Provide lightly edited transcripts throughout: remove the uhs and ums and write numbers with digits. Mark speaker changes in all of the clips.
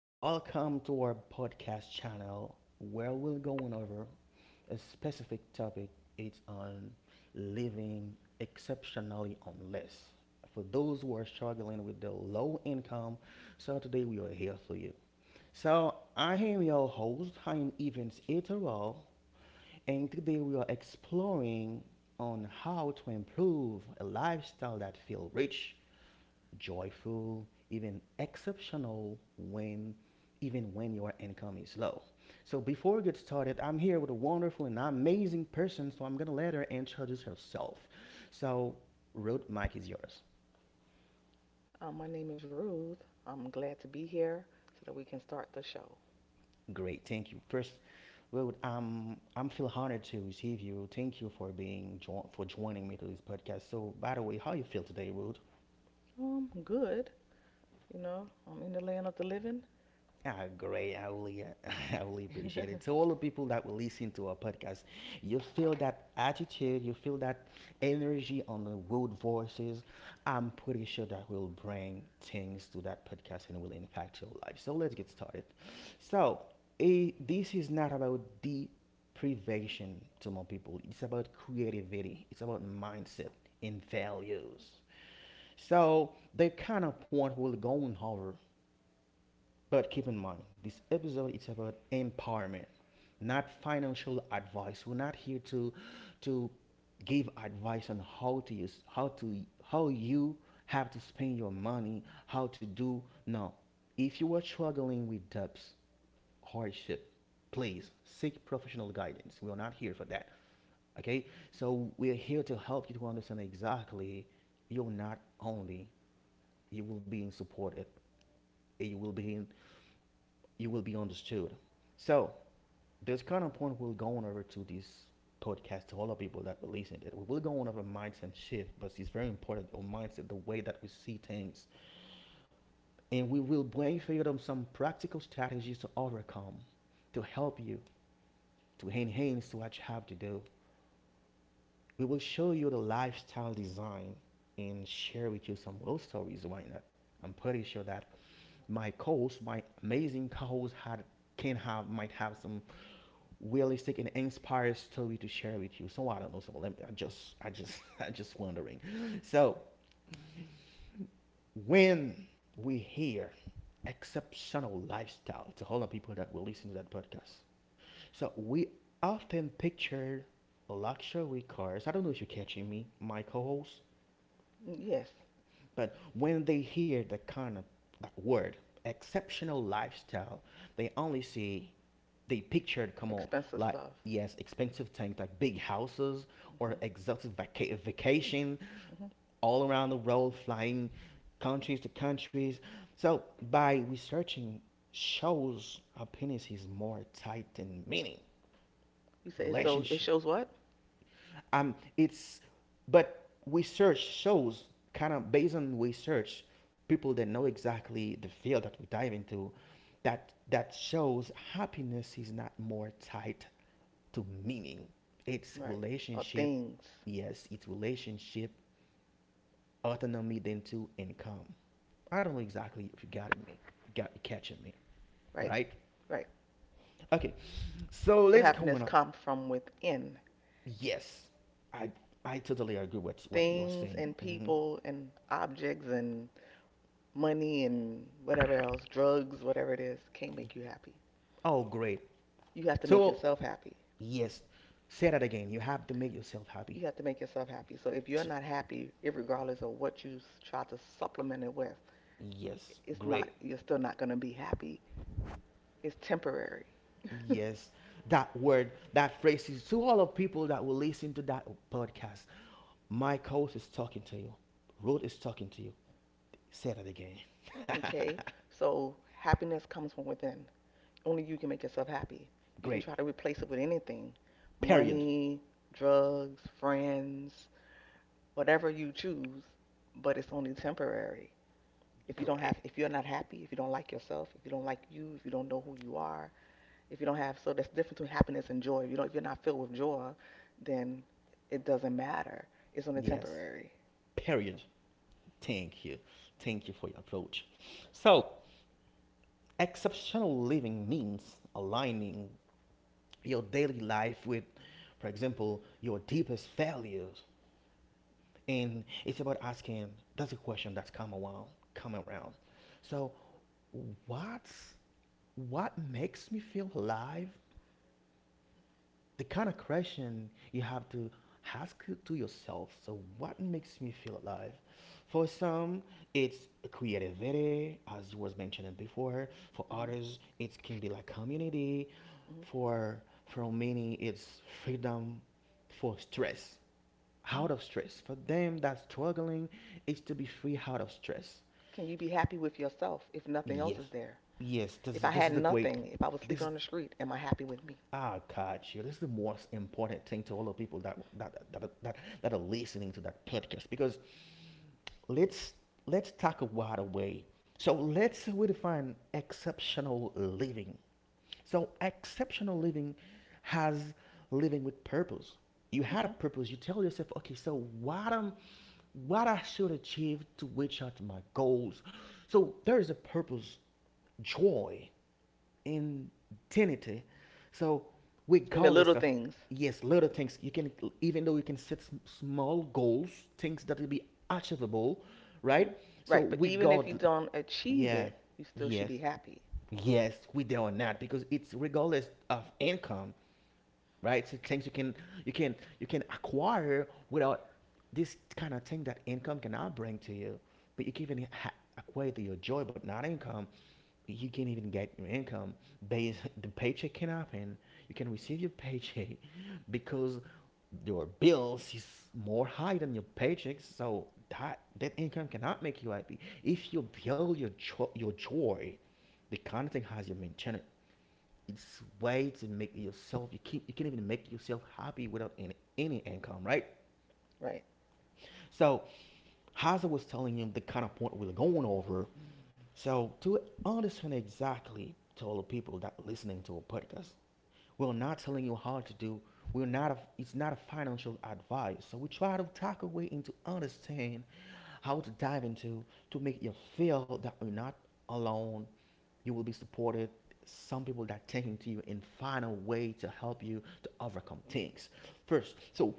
Speaker 1: welcome to our podcast channel where we're going over a specific topic. It's on living exceptionally on less. For those who are struggling with the low income, so today we are here for you. So I am your host, I am Evans Eterall, and today we are exploring on how to improve a lifestyle that feel rich joyful, even exceptional when even when your income is low. So before we get started, I'm here with a wonderful and amazing person, so I'm gonna let her introduce herself. So Ruth, mic is yours.
Speaker 2: My name is Ruth. I'm glad to be here so that we can start the show.
Speaker 1: Great, thank you. First, Ruth, I'm feel honored to receive you. Thank you for being for joining me to this podcast. So by the way, how you feel today, Ruth?
Speaker 2: Good. I'm in the land of the living.
Speaker 1: Ah, great. I really, I really appreciate it. To all the people that will listen to our podcast, you feel that attitude, you feel that energy on the world voices. I'm pretty sure that will bring things to that podcast and will impact your life. So let's get started. So, this is not about deprivation to more people. It's about creativity. It's about mindset and values. So the kind of point we're going over, but keep in mind, this episode is about empowerment, not financial advice. We're not here to give advice on how to use, how to, how you have to spend your money, how to do, no. If you are struggling with debts, hardship, please seek professional guidance. We are not here for that. Okay? So we are here to help you to understand exactly you're not only, you will be in supported, you will be in, you will be understood. So this kind of point we will go on over to this podcast to all the people that will listen to it. We will go on over mindset shift, but it's very important our mindset, the way that we see things. And we will bring for you some practical strategies to overcome, to help you, to enhance what you have to do. We will show you the lifestyle design and share with you some real stories, why not? I'm pretty sure that my coach, my amazing coach, had, can have, might have some realistic and inspired story to share with you. So I don't know. So I just I just wondering. So when we hear exceptional lifestyle, to all the people that will listen to that podcast, so we often picture luxury cars. I don't know if you're catching me, my co-host,
Speaker 2: Yes,
Speaker 1: but when they hear that kind of, that word, exceptional lifestyle, they only see, they pictured, come on,
Speaker 2: expensive
Speaker 1: like,
Speaker 2: stuff.
Speaker 1: yes, expensive things like big houses or
Speaker 2: Hmm.
Speaker 1: exotic vacation
Speaker 2: Hmm.
Speaker 1: all around the world, flying countries to countries. So by researching, shows happiness is more tight in meaning,
Speaker 2: You say so. It
Speaker 1: relationship.
Speaker 2: shows what?
Speaker 1: It's, but research shows, kind of based on research, people that know exactly the field that we dive into, that shows happiness is not more tight to meaning. It's
Speaker 2: Right. Or
Speaker 1: relationship.
Speaker 2: things.
Speaker 1: Yes, it's relationship, autonomy, then to income. I don't know exactly if you got it, me. You got, you catching me,
Speaker 2: Right.
Speaker 1: right?
Speaker 2: Right.
Speaker 1: Okay, so
Speaker 2: So
Speaker 1: let's go
Speaker 2: happiness
Speaker 1: on.
Speaker 2: comes from within.
Speaker 1: Yes, I I totally agree with what you're
Speaker 2: Things
Speaker 1: saying.
Speaker 2: and
Speaker 1: Hmm.
Speaker 2: people and objects and money and whatever else, drugs, whatever it is, can't make you happy.
Speaker 1: Oh, great.
Speaker 2: You have to make
Speaker 1: So
Speaker 2: yourself happy.
Speaker 1: yes, say that again. You have to make yourself happy.
Speaker 2: You have to make yourself happy. So if you're
Speaker 1: So,
Speaker 2: not happy, regardless of what you try to supplement it with,
Speaker 1: yes,
Speaker 2: it's not
Speaker 1: great.
Speaker 2: you're still not going to be happy. It's temporary.
Speaker 1: Yes, that word, that phrase is to all of people that will listen to that podcast. My coach is talking to you. Road is talking to you. Say that again.
Speaker 2: Okay? So happiness comes from within. Only you can make yourself happy. You can
Speaker 1: Great.
Speaker 2: try to replace it with anything.
Speaker 1: Period.
Speaker 2: Money, drugs, friends, whatever you choose, but it's only temporary.
Speaker 1: Great.
Speaker 2: If you're not happy, if you don't like yourself, if you don't like you, if you don't know who you are, if you don't have so that's the difference between happiness and joy. If you're not filled with joy, then it doesn't matter, it's only
Speaker 1: Yes.
Speaker 2: temporary.
Speaker 1: Period. Thank you. Thank you for your approach. So, exceptional living means aligning your daily life with, for example, your deepest values, and it's about asking, that's a question that's come around. So what what makes me feel alive, the kind of question you have to ask to yourself, so what makes me feel alive. For some it's creativity, as was mentioned before. For
Speaker 2: Hmm.
Speaker 1: others it can be like community.
Speaker 2: Hmm.
Speaker 1: For many it's freedom, for stress,
Speaker 2: Hmm.
Speaker 1: out of stress. For them that's struggling is to be free out of stress.
Speaker 2: Can you be happy with yourself if nothing
Speaker 1: Yes.
Speaker 2: else is there?
Speaker 1: Yes, this
Speaker 2: If I
Speaker 1: this
Speaker 2: had
Speaker 1: is a great
Speaker 2: nothing,
Speaker 1: point.
Speaker 2: if I was
Speaker 1: This
Speaker 2: sleeping
Speaker 1: is,
Speaker 2: on the street, am I happy with me?
Speaker 1: ah God, you, this is the most important thing to all the people that are listening to that podcast, because let's let's talk a wide away. So let's redefine exceptional living. So, exceptional living has living with purpose. You had a
Speaker 2: hmm
Speaker 1: purpose. You tell yourself, okay, so what am what I should achieve to reach out to my goals. So there is a purpose, joy, in identity. So
Speaker 2: and the
Speaker 1: regardless
Speaker 2: little
Speaker 1: of,
Speaker 2: things.
Speaker 1: yes, little things you can, even though you can set small goals, things that will be achievable,
Speaker 2: Hmm
Speaker 1: right? So
Speaker 2: right, but even if you
Speaker 1: regard
Speaker 2: don't achieve
Speaker 1: yeah,
Speaker 2: it, you still should
Speaker 1: yes.
Speaker 2: be happy.
Speaker 1: Yes, we're doing that because it's regardless of income, right? So things you can, you can acquire without this kind of thing that income cannot bring to you. But you can even acquire your joy, but not income. You can't even get your income based. The paycheck can happen. You can receive your paycheck because your bills is more high than your paycheck. So that income cannot make you happy. If you build your your joy, the kind of thing has, you maintain it, it's way to make yourself, you keep, you can't even make yourself happy without any income, right?
Speaker 2: Right.
Speaker 1: So as I was telling him, the kind of point we are going over. So to understand exactly, to all the people that listening to a podcast, we're not telling you how to do. We're not a, It's not a financial advice, so we try to talk a way into understand how to dive into, to make you feel that we're not alone, you will be supported. Some people that taking to you and find a way to help you to overcome things. First, so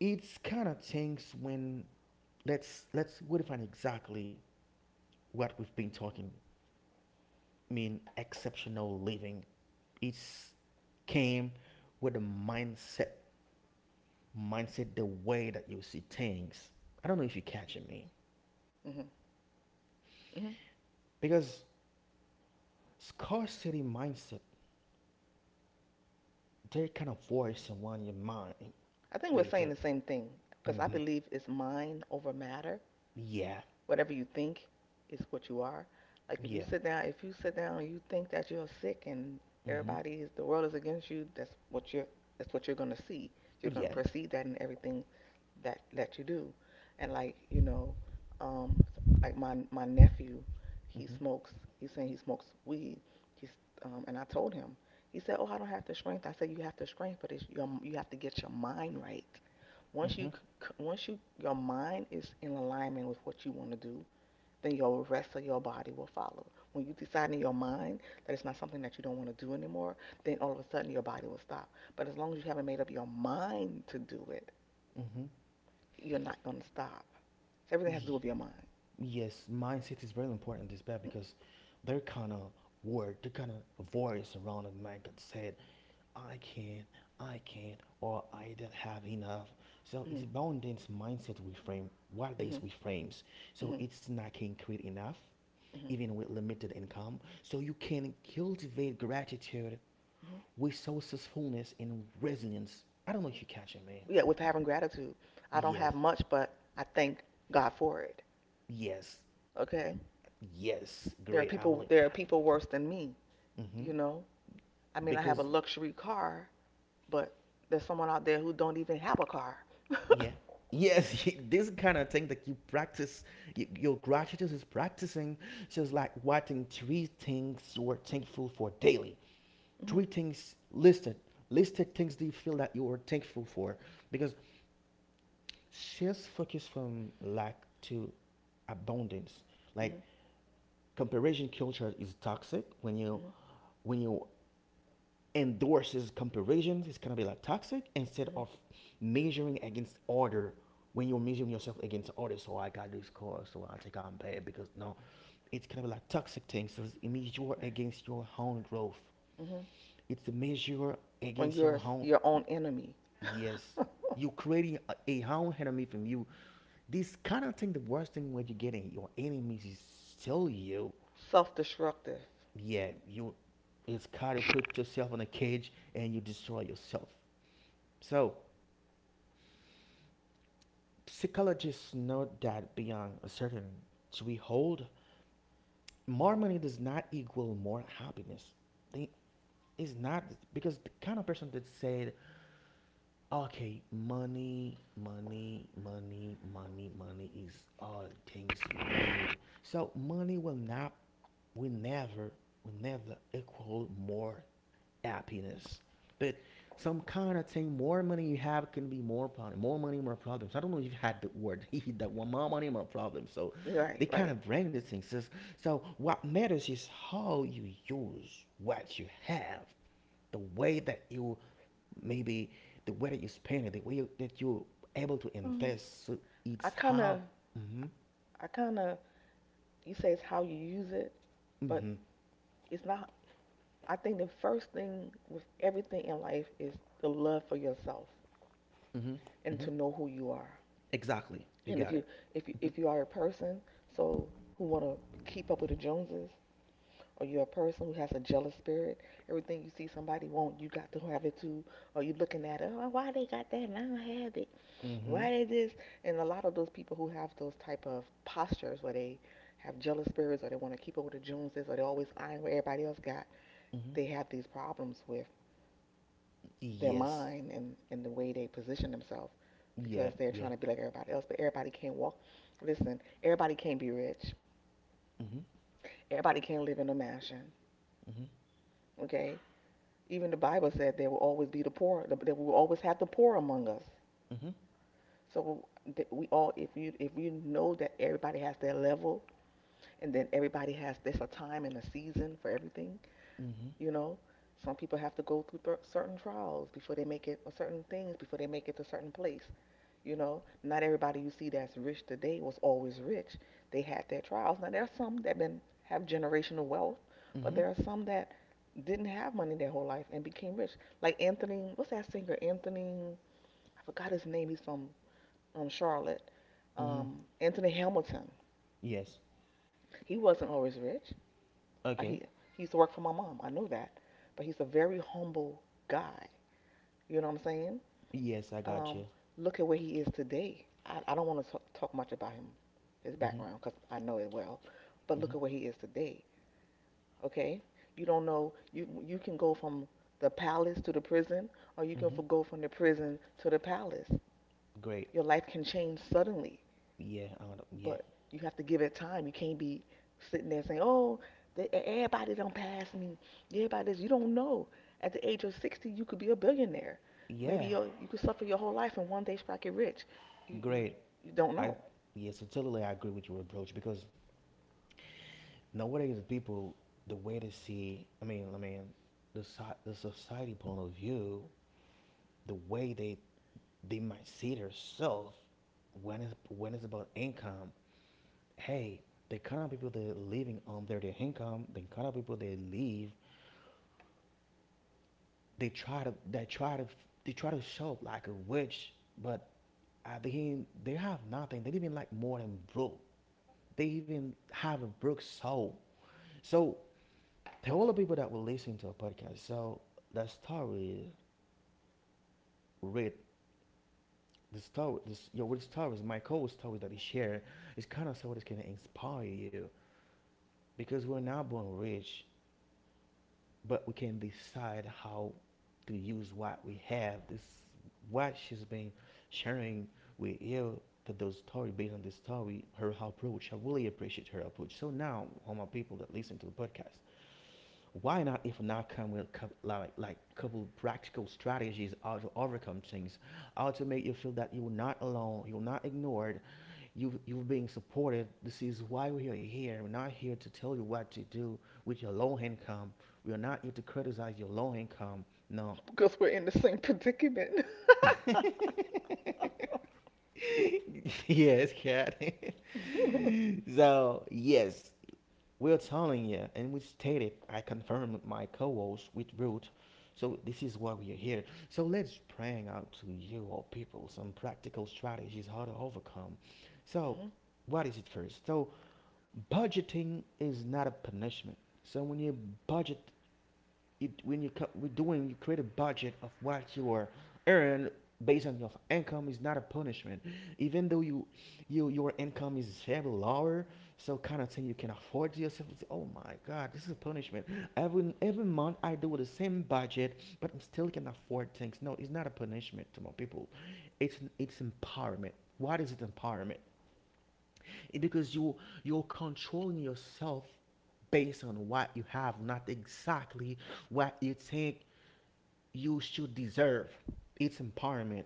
Speaker 1: it's kind of things when, let's we define exactly what we've been talking mean exceptional living. It's came with the mindset the way that you see things. I don't know if you're catching me.
Speaker 2: hmm hmm
Speaker 1: Because scarcity mindset, they kind of voice in one your mind.
Speaker 2: I think we're
Speaker 1: They
Speaker 2: saying
Speaker 1: think,
Speaker 2: the same thing, because I
Speaker 1: mm-hmm,
Speaker 2: believe it's mind over matter.
Speaker 1: yeah,
Speaker 2: Whatever you think is what you are. Like if you
Speaker 1: yeah.
Speaker 2: sit down, if you sit down and you think that you're sick and
Speaker 1: Mm-hmm.
Speaker 2: everybody is the world is against you, that's what you're gonna see. You're gonna
Speaker 1: Yeah.
Speaker 2: perceive that in everything that you do. And like um, like my nephew, he
Speaker 1: Mm-hmm.
Speaker 2: smokes. He's saying he smokes weed. He's And I told him. He said, "Oh, I don't have the strength." I said, "You have the strength, but you have to get your mind right. Once
Speaker 1: Mm-hmm.
Speaker 2: you once your mind is in alignment with what you want to do, then your rest of your body will follow. When you decide in your mind that it's not something that you don't want to do anymore, then all of a sudden your body will stop. But as long as you haven't made up your mind to do it,
Speaker 1: Mm-hmm.
Speaker 2: you're not going to stop. So everything has to do
Speaker 1: Y-
Speaker 2: with your mind.
Speaker 1: yes, mindset is very important in this bad because they're kind of word, they're kind of voice around a man that said, I can't, I can't, or I don't have enough. So
Speaker 2: Mm-hmm,
Speaker 1: it's bound in mindset we frame, what
Speaker 2: mm-hmm,
Speaker 1: days we frames. So
Speaker 2: mm-hmm,
Speaker 1: it's not can create enough,
Speaker 2: mm-hmm.
Speaker 1: even with limited income. So you can cultivate gratitude
Speaker 2: Mm-hmm.
Speaker 1: with resourcefulness and resilience. I don't know if you catch it, man.
Speaker 2: Yeah, with having gratitude. I don't have
Speaker 1: Yes,
Speaker 2: much, but I thank God for it.
Speaker 1: yes.
Speaker 2: Okay?
Speaker 1: Yes,
Speaker 2: There are
Speaker 1: great
Speaker 2: people
Speaker 1: owling.
Speaker 2: there are people worse than me,
Speaker 1: Hmm.
Speaker 2: you know? I mean, I have a
Speaker 1: Because,
Speaker 2: luxury car, but there's someone out there who don't even have a car.
Speaker 1: yeah, yes, this kind of thing that you practice, y your gratitude is practicing. So it's like writing three things you are thankful for daily. Three
Speaker 2: Hmm.
Speaker 1: things listed, listed things, do you feel that you are thankful for? Because shifts focus from lack to abundance.
Speaker 2: Hmm.
Speaker 1: Like, comparison culture is toxic when you
Speaker 2: Hmm.
Speaker 1: when you endorses comparisons, it's gonna be like toxic instead
Speaker 2: Hmm.
Speaker 1: of measuring against order. When you're measuring yourself against order, so I got this score, so I think I'm bad, because no, it's kind of like toxic things. So it's a measure against your own growth, it's a measure
Speaker 2: When
Speaker 1: against
Speaker 2: you're
Speaker 1: your own.
Speaker 2: your own enemy,
Speaker 1: Yes, you're creating a own enemy from you. This kind of thing, the worst thing when you're getting your enemies is still you.
Speaker 2: self-destructive.
Speaker 1: Yeah, you, it's kind of put yourself in a cage and you destroy yourself. So psychologists note that beyond a certain threshold, more money does not equal more happiness. They, it's not, because the kind of person that said, "Okay, money, money, money, money, money is all things we need." So money will not, will never, will never equal more happiness. But some kind of thing, more money you have can be more problem, more money, more problems. I don't know if you have had the word that one, more money, more problems. So
Speaker 2: Right,
Speaker 1: they kind
Speaker 2: right.
Speaker 1: of bring the things. So, what matters is how you use what you have, the way that you, maybe the way that you spend it, the way you, that you're able to
Speaker 2: Um,
Speaker 1: invest. So
Speaker 2: I
Speaker 1: it's
Speaker 2: kind
Speaker 1: how.
Speaker 2: of,
Speaker 1: Mm-hmm,
Speaker 2: I kind of. You say it's how you use it, but
Speaker 1: mm-hmm,
Speaker 2: it's not. I think the first thing with everything in life is the love for yourself
Speaker 1: mm-hmm,
Speaker 2: and
Speaker 1: mm-hmm.
Speaker 2: to know who you are.
Speaker 1: Exactly. You
Speaker 2: And if
Speaker 1: got
Speaker 2: you,
Speaker 1: it.
Speaker 2: if you, if you are a person, so who want to keep up with the Joneses, or you're a person who has a jealous spirit, everything you see somebody want, you got to have it too, or you looking at it, oh, why they got that and I don't have it,
Speaker 1: Mm-hmm, mm-hmm,
Speaker 2: why they this, and a lot of those people who have those type of postures where they have jealous spirits or they want to keep up with the Joneses or they always eyeing what everybody else got,
Speaker 1: mm-hmm.
Speaker 2: they have these problems with their
Speaker 1: Yes.
Speaker 2: mind, and the way they position themselves
Speaker 1: Yeah.
Speaker 2: because they're
Speaker 1: Yeah.
Speaker 2: trying to be like everybody else, but everybody can't walk. Listen, everybody can't be rich.
Speaker 1: Mm-hmm.
Speaker 2: Everybody can't live in a mansion,
Speaker 1: Mm-hmm.
Speaker 2: okay? Even the Bible said there will always be the poor, that we will always have the poor among us.
Speaker 1: Mm-hmm.
Speaker 2: So we all, if you know that everybody has their level, and then everybody has there's a time and a season for everything.
Speaker 1: Mm-hmm.
Speaker 2: You know, some people have to go through certain trials before they make it, or certain things before they make it to a certain place. You know, not everybody you see that's rich today was always rich. They had their trials. Now there are some that been have generational wealth, but
Speaker 1: Mm-hmm.
Speaker 2: there are some that didn't have money their whole life and became rich. Like Anthony, what's that singer? Anthony, I forgot his name. He's from Charlotte.
Speaker 1: Mm-hmm.
Speaker 2: Anthony Hamilton.
Speaker 1: Yes.
Speaker 2: He wasn't always rich. I,
Speaker 1: Okay.
Speaker 2: he used to work for my mom. I know that, but he's a very humble guy. You know what I'm saying?
Speaker 1: Yes, I got
Speaker 2: um,
Speaker 1: you.
Speaker 2: Look at where he is today. I don't want to talk much about him, his
Speaker 1: Mm-hmm.
Speaker 2: background, because I know it well. But
Speaker 1: Mm-hmm.
Speaker 2: look at where he is today. Okay, you don't know. You can go from the palace to the prison, or you can
Speaker 1: Mm-hmm.
Speaker 2: go from the prison to the palace.
Speaker 1: Great.
Speaker 2: Your life can change suddenly.
Speaker 1: Yeah. I wanna, yeah.
Speaker 2: But you have to give it time. You can't be sitting there saying, "Oh, everybody don't pass me. Everybody, this." You don't know. At the age of 60, you could be a billionaire. Maybe
Speaker 1: Yeah.
Speaker 2: you could suffer your whole life and one day strike it rich. You you
Speaker 1: Great.
Speaker 2: you don't
Speaker 1: I.
Speaker 2: know
Speaker 1: Yes. I totally agree with your approach because nowadays people, the way they see. I mean. The society point of view, the way they might see themselves when it's about income. Hey, the kind of people that living on their income, the kind of people they live they try to they try to they try to show like a witch, but at the end they have nothing. They even like more than broke. They even have a broke soul. So to all the people that will listen to our podcast, so the story read the story this your with stories, my cool story that he share is kinda so it's gonna inspire you because we're not born rich. But we can decide how to use what we have. This what she's been sharing with you to those story based on this story, her approach. I really appreciate her approach. So now, all my people that listen to the podcast, why not if not come with couple practical strategies how to overcome things, how to make you feel that you're not alone, you're not ignored, you're being supported. This is why we are here. We're not here to tell you what to do with your low income. We are not here to criticize your low income. No.
Speaker 2: because we're in the same predicament.
Speaker 1: Yes, cat. So yes, we're telling you, and we stated. I confirmed with my co-host with Ruth. So this is why we are here. So let's bring out to you all people some practical strategies how to overcome. So
Speaker 2: Hmm.
Speaker 1: what is it first? So budgeting is not a punishment. So when you budget, it, when you we're doing, you create a budget of what you are earn based on your income is not a punishment. Even though you your income is very lower, so kind of thing you can afford to yourself. It's, oh my God, this is a punishment. Every month I do the same budget, but I still can afford things. No, it's not a punishment to my people. It's empowerment. What is it empowerment? Because you're controlling yourself based on what you have, not exactly what you think you should deserve. It's empowerment.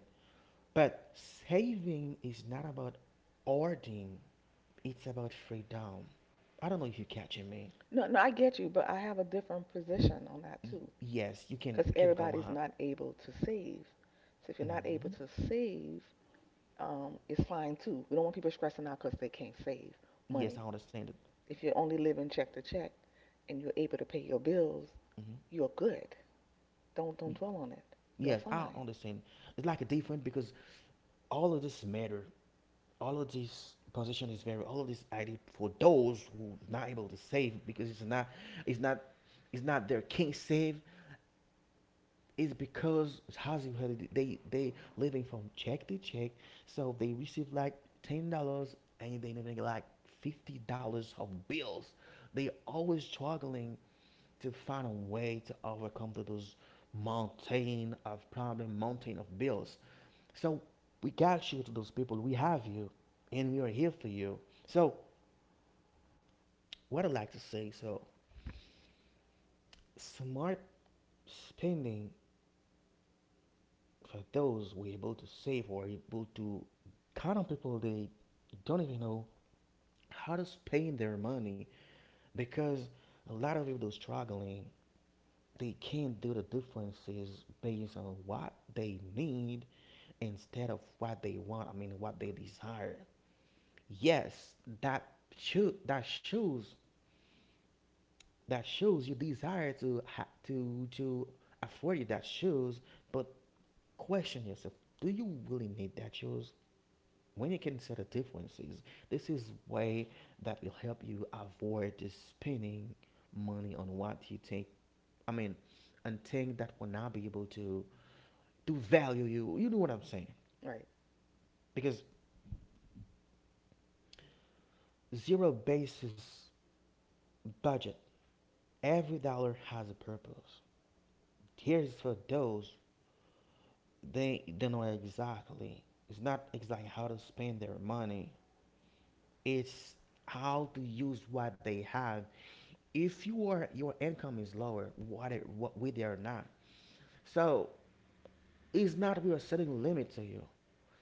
Speaker 1: But saving is not about hoarding, it's about freedom. I don't know if you're catching me.
Speaker 2: No, no, I get you, but I have a different position on that
Speaker 1: Y-
Speaker 2: too.
Speaker 1: yes, you can
Speaker 2: Because
Speaker 1: you can go
Speaker 2: everybody's
Speaker 1: on.
Speaker 2: not able to save. So if you're not able
Speaker 1: hmm
Speaker 2: to save, it's fine too. We don't want people stressing out because they can't save
Speaker 1: Yes,
Speaker 2: money.
Speaker 1: I understand it.
Speaker 2: If you're only living check to check and you're able to pay your bills,
Speaker 1: hmm
Speaker 2: you're good. Don't dwell on it. You're
Speaker 1: Yes, I
Speaker 2: fine.
Speaker 1: understand. It's like a different because all of this matter. All of this position is very all of this ID for those who not able to save because it's not it's not their king save it's because housing holiday they living from check to check so they receive like $10 and they living like $50 of bills they always struggling to find a way to overcome to those mountain of problem, mountain of bills. So we got you to those people. We have you, and we are here for you. So what I like to say, so smart spending for those who are able to save or able to count on people they don't even know how to spend their money because a lot of people struggling they can't do the differences based on what they need instead of what they want, I mean what they desire, yes, that shoe that shoes you desire to ha- to afford you that shoes but question yourself, do you really need that shoes? When you consider differences, this is way that will help you avoid spending money on what you think, I mean, and things that will not be able to value you, you know what I'm saying?
Speaker 2: Right.
Speaker 1: Because zero basis budget, every dollar has a purpose. Here's for those they don't know exactly. It's not exactly how to spend their money. It's how to use what they have. If you are your income is lower, what it, what with it or not, so it's not we are setting a limit to you.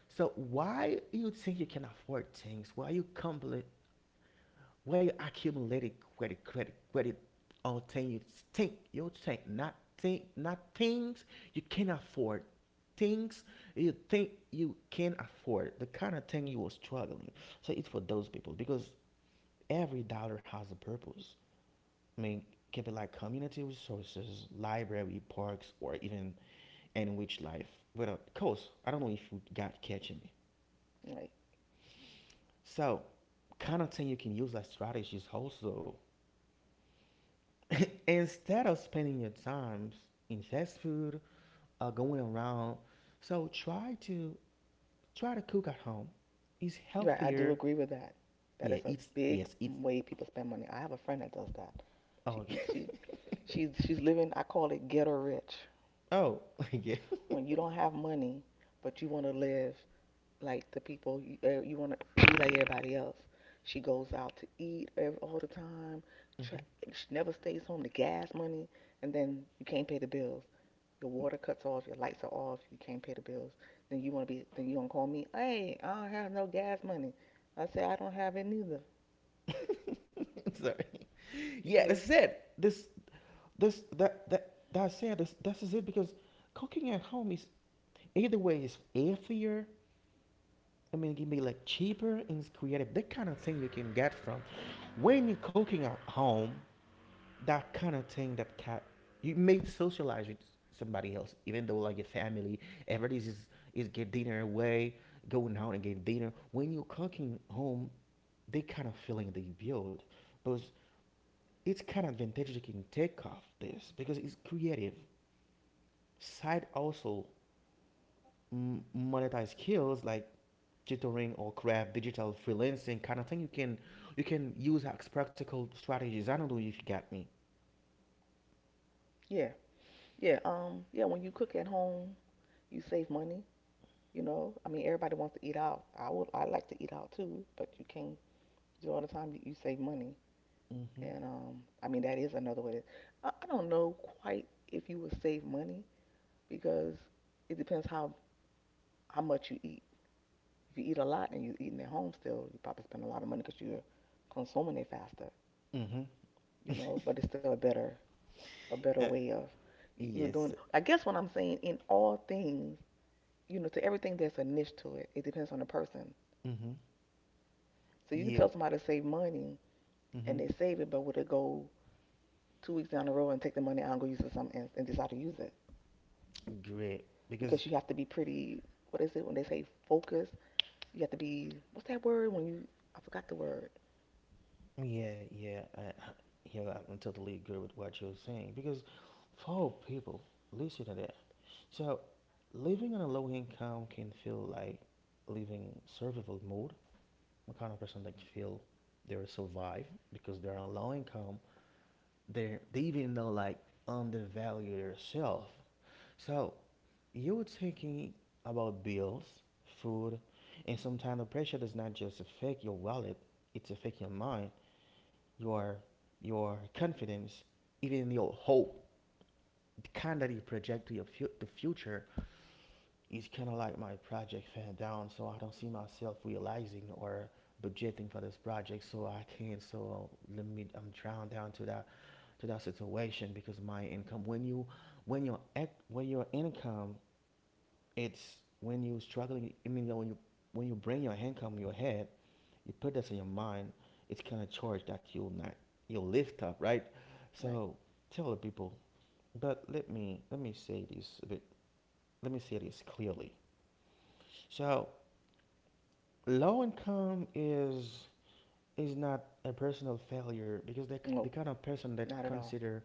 Speaker 1: So why you think you can afford things? Why you why you accumulate credit, credit, credit, credit until you think not things you can afford. Things you think you can afford. The kind of thing you were struggling. So it's for those people because every dollar has a purpose. I mean, keep it like community resources, library, parks, or even enrich life without cost. I don't know if you got catching me.
Speaker 2: Right.
Speaker 1: So kind of thing you can use as strategies also instead of spending your time in fast food or going around, so try to cook at home, it's
Speaker 2: Right. I do
Speaker 1: healthier.
Speaker 2: agree with that. That
Speaker 1: yeah
Speaker 2: is a
Speaker 1: it's
Speaker 2: big
Speaker 1: yes it's
Speaker 2: way people spend money. I have a friend that does that.
Speaker 1: oh
Speaker 2: She she she's living. I call it ghetto rich.
Speaker 1: oh yeah.
Speaker 2: When you don't have money, but you want to live like the people you want to be like everybody else. She goes out to eat ev all the time.
Speaker 1: Mhm.
Speaker 2: Tra- she never stays home. The gas money, and then you can't pay the bills. Your water cuts off, your lights are off, you can't pay the bills, then you want to call me, hey, I don't have no gas money. I say, I don't have it neither.
Speaker 1: Sorry. yeah
Speaker 2: Okay?
Speaker 1: that's it this this that that that's it, this is it because cooking at home is either way is healthier. I mean, it can be like cheaper and it's creative. That kind of thing you can get from when you're cooking at home. That kind of thing that can you may socialize with somebody else, even though like your family, everybody's is get dinner away, going out and get dinner. When you're cooking home, that kind of feeling they build, but it's kind of advantage you can take off this because it's creative side also monetize skills like tutoring or craft digital freelancing kind of thing you can use as practical strategies, I don't know if you got me.
Speaker 2: Yeah. Yeah. Yeah, when you cook at home, you save money, you know? I mean, everybody wants to eat out. I like to eat out too, but you can't do all the time. You save money.
Speaker 1: Mm-hmm,
Speaker 2: And I mean, that is another way. I don't know quite if you would save money because it depends how much you eat. If you eat a lot and you're eating at home still, you probably spend a lot of money because you're consuming it faster,
Speaker 1: mm-hmm.
Speaker 2: you know. But it's still a better
Speaker 1: Uh,
Speaker 2: way of are doing.
Speaker 1: yes.
Speaker 2: I guess what I'm saying in all things, to everything there's a niche to it. It depends on the person.
Speaker 1: Mm-hmm.
Speaker 2: So you can tell
Speaker 1: You.
Speaker 2: somebody to save money and
Speaker 1: Mm-hmm.
Speaker 2: they save it, but would it go 2 weeks down the road and take the money out and go use it for something else and decide to use it
Speaker 1: Great.
Speaker 2: because
Speaker 1: Because
Speaker 2: you have to be pretty. What is it when they say focused? You have to be. What's that word when you? I forgot the word.
Speaker 1: yeah yeah I yeah, I totally agree with what you're saying because for people listen to that, so living on a low income can feel like living survival mode. I'm a kind of person that feel they will survive because they're on low income. They even though like undervalue themselves. So you're thinking about bills, food, and sometimes the pressure does not just affect your wallet; it's affect your mind, your your confidence, even your hope. The kind that you project to your the future, it's kind of like my project fell down, so I don't see myself realizing or budgeting for this project, so I can't. So let me, I'm drowned down to that situation because my income. When your when your income, it's when you struggling. I mean, when you bring your income in your head, you put this in your mind. It's kind of charge that you'll not you'll lift up, right?
Speaker 2: Right.
Speaker 1: So tell the people. But let me say this a bit. Let me say this clearly. So low income is not a personal failure because they, the
Speaker 2: No,
Speaker 1: kind of person that
Speaker 2: not at all.
Speaker 1: consider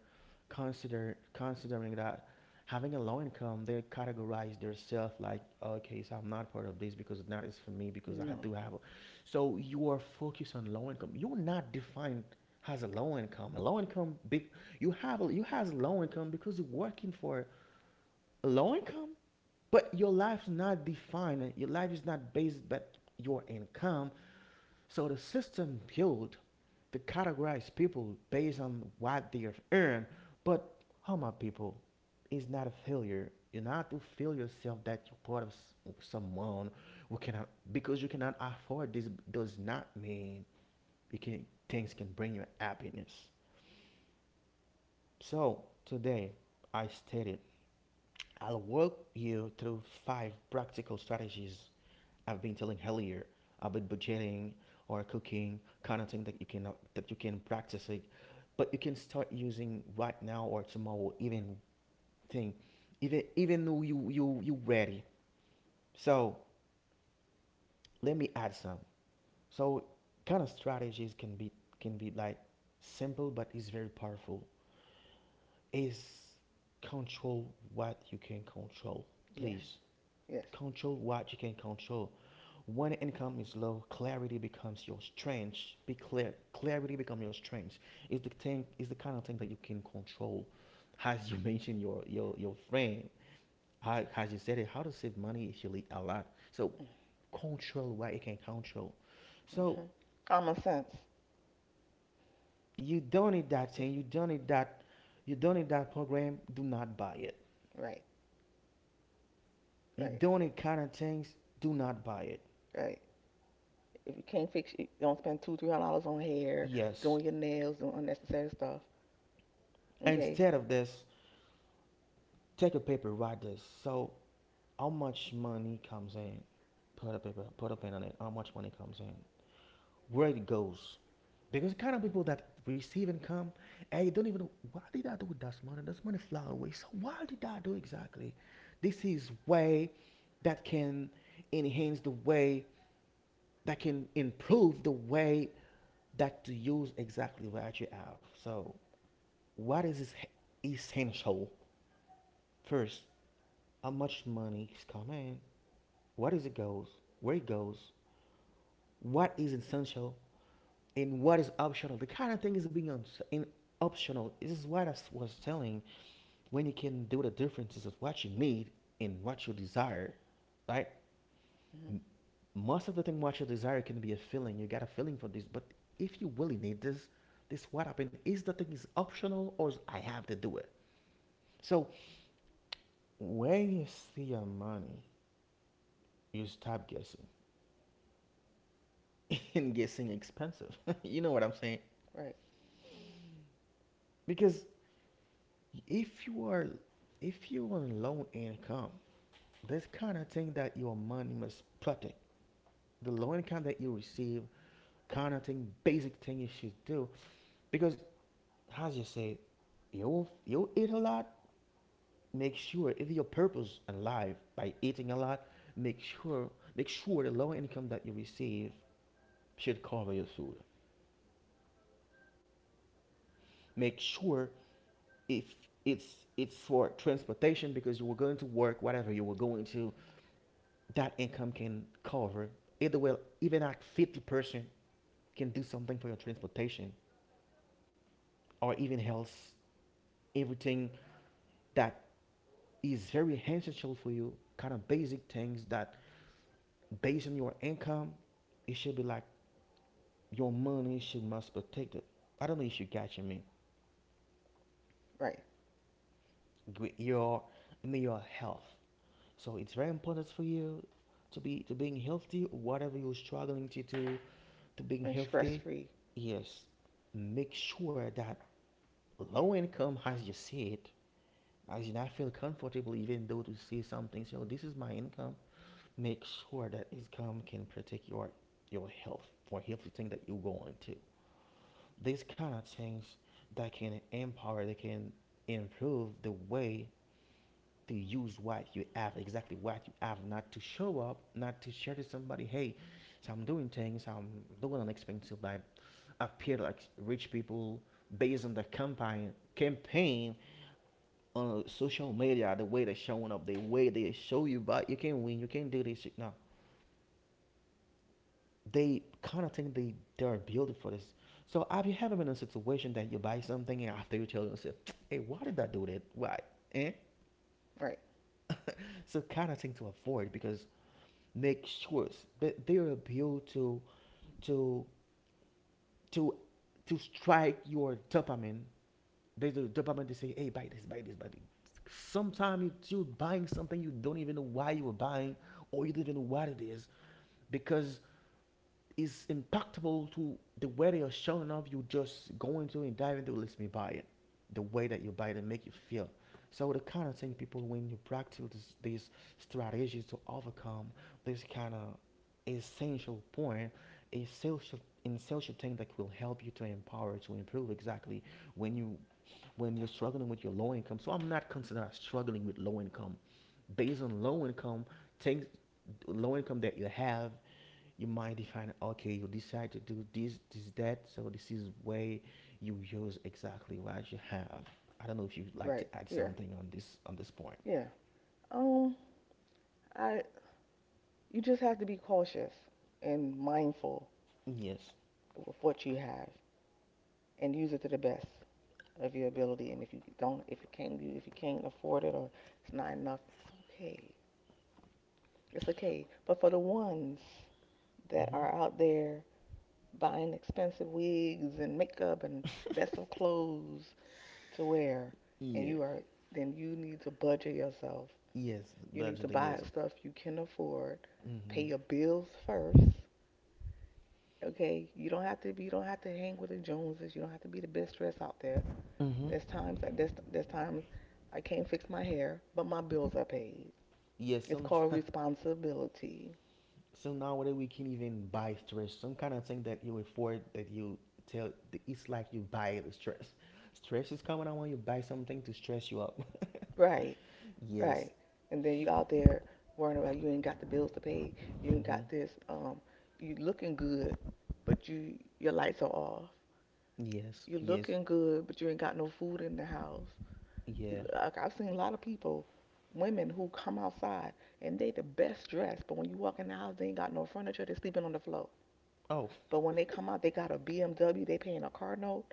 Speaker 1: considering that having a low income they categorize themselves like okay so I'm not part of this because that is for me because I
Speaker 2: No.
Speaker 1: do have a, so you are focused on low income, you're not defined as a low income, a low income big, you have a, you has low income because you're working for a low income but your life's not defined, your life is not based but your income. So the system built to categorize people based on what they've earned. But how people is not a failure. You not to feel yourself that you're part of someone who cannot because you cannot afford this does not mean you can things can bring you happiness. So today I stated I'll walk you through five practical strategies I've been telling earlier about budgeting or cooking, kind of thing that you can practice it, but you can start using right now or tomorrow, even thing, even though you ready. So let me add some. So kind of strategies can be like simple but it's very powerful. Is control what you can control.
Speaker 2: Yes.
Speaker 1: Please
Speaker 2: Yes.
Speaker 1: control what you can control. When income is low, clarity becomes your strength. Be clear. Clarity becomes your strength. It's the thing. It's the kind of thing that you can control. As you mentioned, your friend, how, as you said it, how to save money is really a lot. So control what you can control. So
Speaker 2: Hmm. Common sense.
Speaker 1: you don't need that thing.
Speaker 2: It's,
Speaker 1: You don't need that. You don't need that program. Do not buy it.
Speaker 2: right.
Speaker 1: You
Speaker 2: Right.
Speaker 1: don't need kind of things. Do not buy it.
Speaker 2: Right. If you can't fix, it, don't spend two, $300 on hair,
Speaker 1: Yes.
Speaker 2: doing your nails, doing unnecessary stuff. Okay.
Speaker 1: Instead of this, take a paper. Write this. So how much money comes in? Put a paper, put a pin on it, how much money comes in, where it goes. Because the kind of people that receive income and you don't even know what did I do with that money? That's money fly away. So what did I do exactly? This is way that can enhance the way that can improve the way that to use exactly what you have. So what is essential? First, how much money is coming? What is it goes? Where it goes? What is essential? And what is optional. The kind of thing is being in optional. This is what I was telling. When you can do the differences of what you need and what you desire, right?
Speaker 2: Hmm.
Speaker 1: Most of the thing what you desire can be a feeling. You got a feeling for this, but if you really need this, this what happened is the thing is optional or I have to do it. So when you see your money, you stop guessing and guessing expensive. What I'm saying?
Speaker 2: Right.
Speaker 1: Because if you are if you're on low income, this kind of thing that your money must protect, the low income that you receive, kind of thing, basic thing you should do, because as you say, you eat a lot. Make sure if your purpose in life by eating a lot, make sure make sure the low income that you receive should cover your food. Make sure if it's for transportation because you were going to work, whatever you were going to, that income can cover either well even at 50% can do something for your transportation or even health, everything that is very essential for you, kind of basic things that based on your income, it should be like your money should must protect it. I don't know if you catch me.
Speaker 2: Right.
Speaker 1: Your I mean your health. So it's very important for you to be to being healthy, whatever you're struggling to do, to being
Speaker 2: And stress
Speaker 1: healthy,
Speaker 2: free.
Speaker 1: yes. Make sure that low income, as you said. I did not feel comfortable even though to say something. So this is my income. Make sure that income can protect your health for healthy thing that you're going to. These kind of things that can empower, that can improve the way to use what you have, exactly what you have, not to show up, not to share to somebody, hey, so I'm doing things, I'm doing an expensive life. Appear like rich people based on the campaign on social media, the way they're showing up, the way they show you, but you can't win, you can't do this shit." No, they kind of think they're built for this. So have you ever been in a situation that you buy something and after you tell yourself, "Hey, why did I do that? Why?" Eh?
Speaker 2: Right.
Speaker 1: So kind of thing to avoid because make sure that they are built to to to strike your dopamine. Based on the dopamine, they say, hey, buy this, buy this, buy this. Sometimes you're buying something you don't even know why you were buying, or you don't even know what it is, because is impactful to the way that you're showing up. You just go into it and dive into it. Let me buy it. The way that you buy it and make you feel. So the kind of thing people when you practice these strategies to overcome this kind of essential point, essential essential thing that will help you to empower to improve exactly when you when you're struggling with your low income. So I'm not considering struggling with low income. Based on low income things, low income that you have you might define, okay, you decide to do this this that, so this is where you use exactly what you have. I don't know if you'd like to
Speaker 2: Right.
Speaker 1: add
Speaker 2: Yeah.
Speaker 1: something on this point.
Speaker 2: Yeah. Um. I. You just have to be cautious and mindful
Speaker 1: Yes.
Speaker 2: of what you have and use it to the best of your ability. And if you don't, if it can't, you if you can't afford it or it's not enough, it's okay. It's okay. But for the ones that
Speaker 1: Mm-hmm.
Speaker 2: are out there buying expensive wigs and makeup and best of clothes to wear, and
Speaker 1: Yeah.
Speaker 2: you are, then you need to budget yourself.
Speaker 1: Yes,
Speaker 2: You need to
Speaker 1: budgeting
Speaker 2: buy
Speaker 1: yourself.
Speaker 2: stuff you can afford. Pay
Speaker 1: Mm-hmm.
Speaker 2: your bills first. Okay, you don't have to hang with the Joneses. You don't have to be the best dress out there.
Speaker 1: Mm-hmm.
Speaker 2: There's times that there's times I can't fix my hair, but my bills are paid.
Speaker 1: Yes,
Speaker 2: It's
Speaker 1: some.
Speaker 2: called responsibility.
Speaker 1: So nowadays we can even buy stress, some kind of thing that you afford that you tell, it's like you buy the stress. Stress is coming, I want you to buy something to stress you up.
Speaker 2: Right.
Speaker 1: Yes.
Speaker 2: Right. And then you out there worrying about you ain't got the bills to pay, you ain't
Speaker 1: Mm-hmm.
Speaker 2: got this. You looking good, but your lights are off.
Speaker 1: Yes,
Speaker 2: You
Speaker 1: yes,
Speaker 2: looking good, but you ain't got no food in the house.
Speaker 1: yeah.
Speaker 2: You, like I've seen a lot of people, women who come outside and they the best dressed, but when you walk in the house, they ain't got no furniture. They sleeping on the floor.
Speaker 1: Oh,
Speaker 2: But when they come out, they got a BMW. They paying a car note,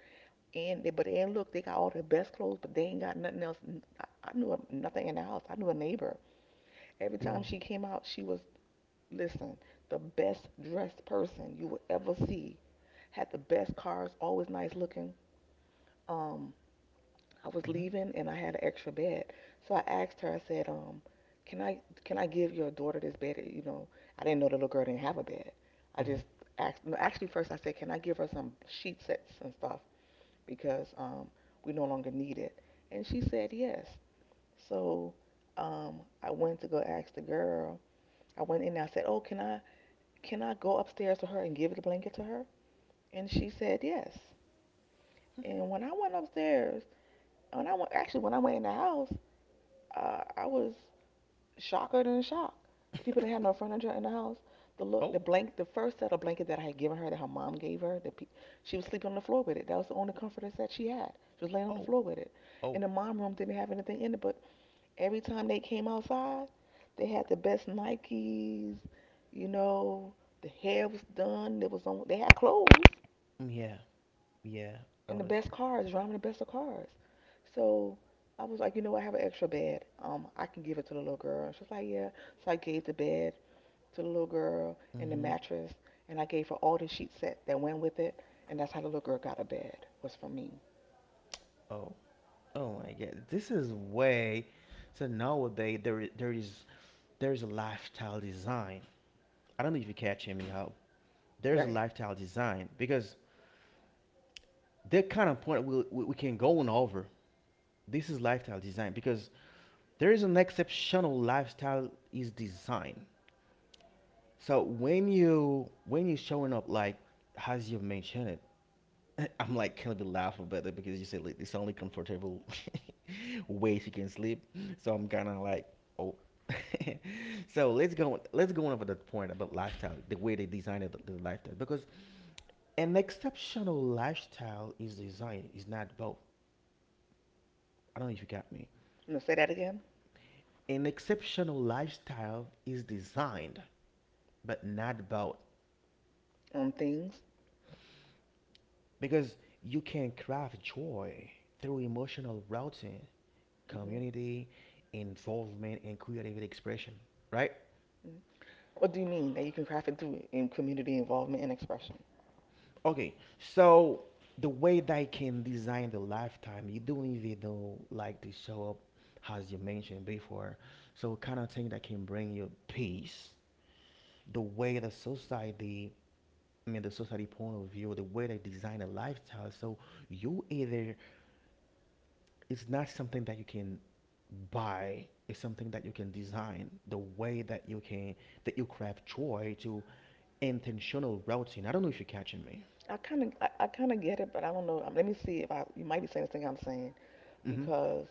Speaker 2: and they, but and look, they got all the best clothes, but they ain't got nothing else. I knew a, nothing in the house. I knew a neighbor. Every time
Speaker 1: well,
Speaker 2: she came out, she was, listen, the best dressed person you would ever see. Had the best cars, always nice looking. Um, I was
Speaker 1: mm-hmm,
Speaker 2: leaving and I had an extra bed. So I asked her, I said, can I can I give your daughter this bed? You know, I didn't know the little girl didn't have a bed. I
Speaker 1: mm-hmm.
Speaker 2: just asked, no, actually first I said, can I give her some sheet sets and stuff because we no longer need it. And she said yes. So I went to go ask the girl. I went in and I said, oh, can I go upstairs to her and give the blanket to her? And she said yes. And when I went upstairs, when I went in the house, I was shocker than shocked. The people that had no furniture in the house,
Speaker 1: Oh,
Speaker 2: the first set of blanket that I had given her, that her mom gave her, she was sleeping on the floor with it. That was the only comforter that she had. She was laying on the
Speaker 1: oh,
Speaker 2: floor with it.
Speaker 1: oh,
Speaker 2: And the mom room didn't have anything in it, but every time they came outside, they had the best Nikes, you know, the hair was done. It was on. They had clothes,
Speaker 1: mm, yeah, yeah,
Speaker 2: and the
Speaker 1: Otis.
Speaker 2: best cars, driving the best of cars. So I was like, you know, I have an extra bed. I can give it to the little girl. And she was like, yeah. So I gave the bed to the little girl and the
Speaker 1: Mm-hmm.
Speaker 2: mattress, and I gave her all the sheet set that went with it, and that's how the little girl got a bed. Was from me,
Speaker 1: Oh, oh my God, this is way. So nowadays there there is a lifestyle design. I don't know if you catch me how there's a
Speaker 2: right?
Speaker 1: lifestyle design because the kind of point we can go on over. This is lifestyle design because there is an exceptional lifestyle is design. So when you showing up like as you've mentioned it, I'm like kind of be laugh about it because you said like, it's only comfortable way she can sleep. So I'm kind of like oh. So let's go on over that point about lifestyle, the way they designed it, the lifestyle because an exceptional lifestyle is designed is not both. I don't know if you got me.
Speaker 2: I'm gonna say that again.
Speaker 1: An exceptional lifestyle is designed but not both.
Speaker 2: On things.
Speaker 1: Because you can craft joy through emotional routing,
Speaker 2: Hmm.
Speaker 1: community, involvement, and creative expression, right?
Speaker 2: Hmm. What do you mean that you can craft it through in community involvement and expression?
Speaker 1: Okay, so the way they can design the lifetime, you don't even know like to show up as you mentioned before. So kind of thing that can bring you peace. The way the society, I mean the society point of view, the way they design a lifestyle. So you either it's not something that you can by is something that you can design the way that you can that you craft joy to intentional routine. I don't know if you're catching me.
Speaker 2: I kind of get it, but I don't know. Let me see if I. You might be saying the thing I'm saying
Speaker 1: Mm-hmm.
Speaker 2: because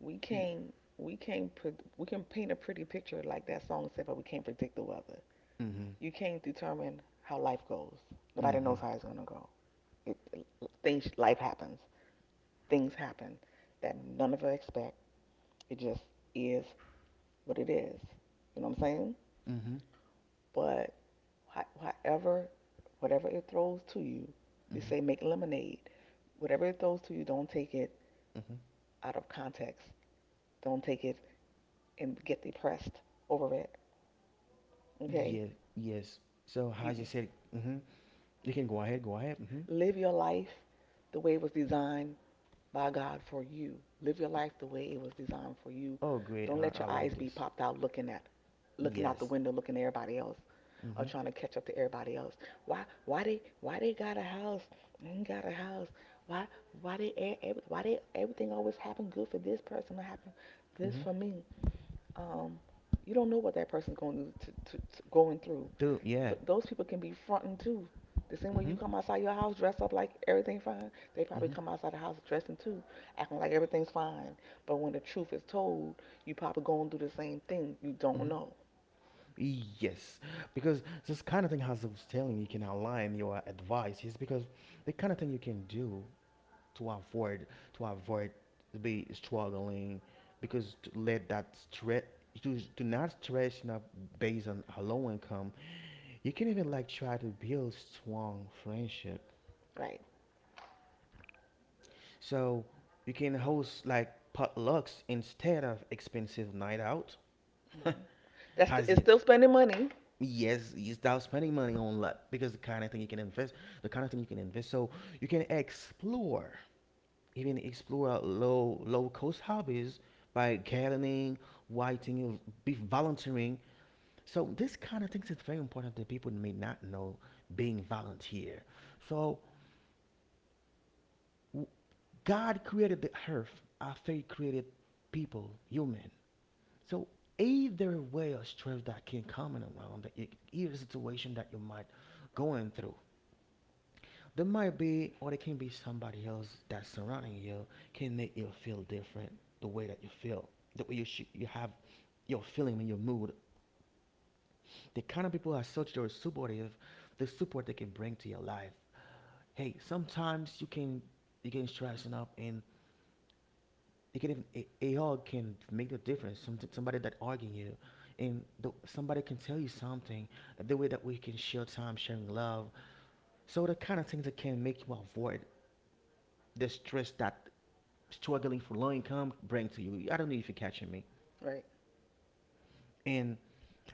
Speaker 1: Y-
Speaker 2: we can't put we can paint a pretty picture like that song said, but we can't predict the weather.
Speaker 1: mm-hmm.
Speaker 2: You can't determine how life goes. Nobody knows
Speaker 1: Mm-hmm.
Speaker 2: how it's gonna go. It, things life happens. Things happen that none of us expect. It just is what it is. You know what I'm saying?
Speaker 1: Mm-hmm.
Speaker 2: But however, whatever it throws to you, they say
Speaker 1: Mm-hmm.
Speaker 2: make lemonade. Whatever it throws to you, don't take it
Speaker 1: Mm-hmm.
Speaker 2: out of context. Don't take it and get depressed over it. Okay?
Speaker 1: Yeah. Yes, so as you
Speaker 2: You.
Speaker 1: said. Mm-hmm. You can go ahead, go ahead. Mm-hmm.
Speaker 2: Live your life the way it was designed by God for you. Live your life the way it was designed for you.
Speaker 1: Oh great,
Speaker 2: Don't
Speaker 1: i,
Speaker 2: let
Speaker 1: I
Speaker 2: your
Speaker 1: like
Speaker 2: eyes be
Speaker 1: this.
Speaker 2: popped out looking out the
Speaker 1: Yes.
Speaker 2: window looking at everybody else or
Speaker 1: Mm-hmm.
Speaker 2: trying to catch up to everybody else. Why they got a house and got a house? Why why they everything always happen good for this person or happen this
Speaker 1: Mm-hmm.
Speaker 2: for me? Um you don't know what that person's going to going through.
Speaker 1: Do yeah.
Speaker 2: Those people can be fronting too. The same way
Speaker 1: Mm-hmm.
Speaker 2: you come outside your house dressed up like everything fine, they probably
Speaker 1: Mm-hmm.
Speaker 2: come outside the house dressing too, acting like everything's fine. But when the truth is told, you probably going through the same thing. You don't
Speaker 1: Mm-hmm.
Speaker 2: know,
Speaker 1: Yes, because this kind of thing, as I was telling you, can align your advice. Is because the kind of thing you can do to avoid to avoid be struggling because to let that stress to not stress, not based on a low income, you can even like try to build strong friendship.
Speaker 2: right?
Speaker 1: So you can host like potlucks instead of expensive night out.
Speaker 2: That's the,
Speaker 1: Has
Speaker 2: it's
Speaker 1: you
Speaker 2: still spending money,
Speaker 1: yes you start spending money on that because the kind of thing you can invest, the kind of thing you can invest. So you can explore, even explore low cost hobbies by gardening, writing, be volunteering. So this kind of things is very important that people may not know being volunteer. So w- God created the earth after He created people, human. So either way of stress that can come in around the either situation that you might going through. There might be, or there can be somebody else that's surrounding you can make you feel different. The way that you feel, the way you have your feeling and your mood. The kind of people are such that are supportive, the support they can bring to your life. Hey, sometimes you can stressing up and you can even a hug can make a difference. Somebody that arguing you and the, somebody can tell you something, the way that we can share time sharing love, so the kind of things that can make you avoid the stress that struggling for low income bring to you. I don't know if you're catching me.
Speaker 2: right?
Speaker 1: And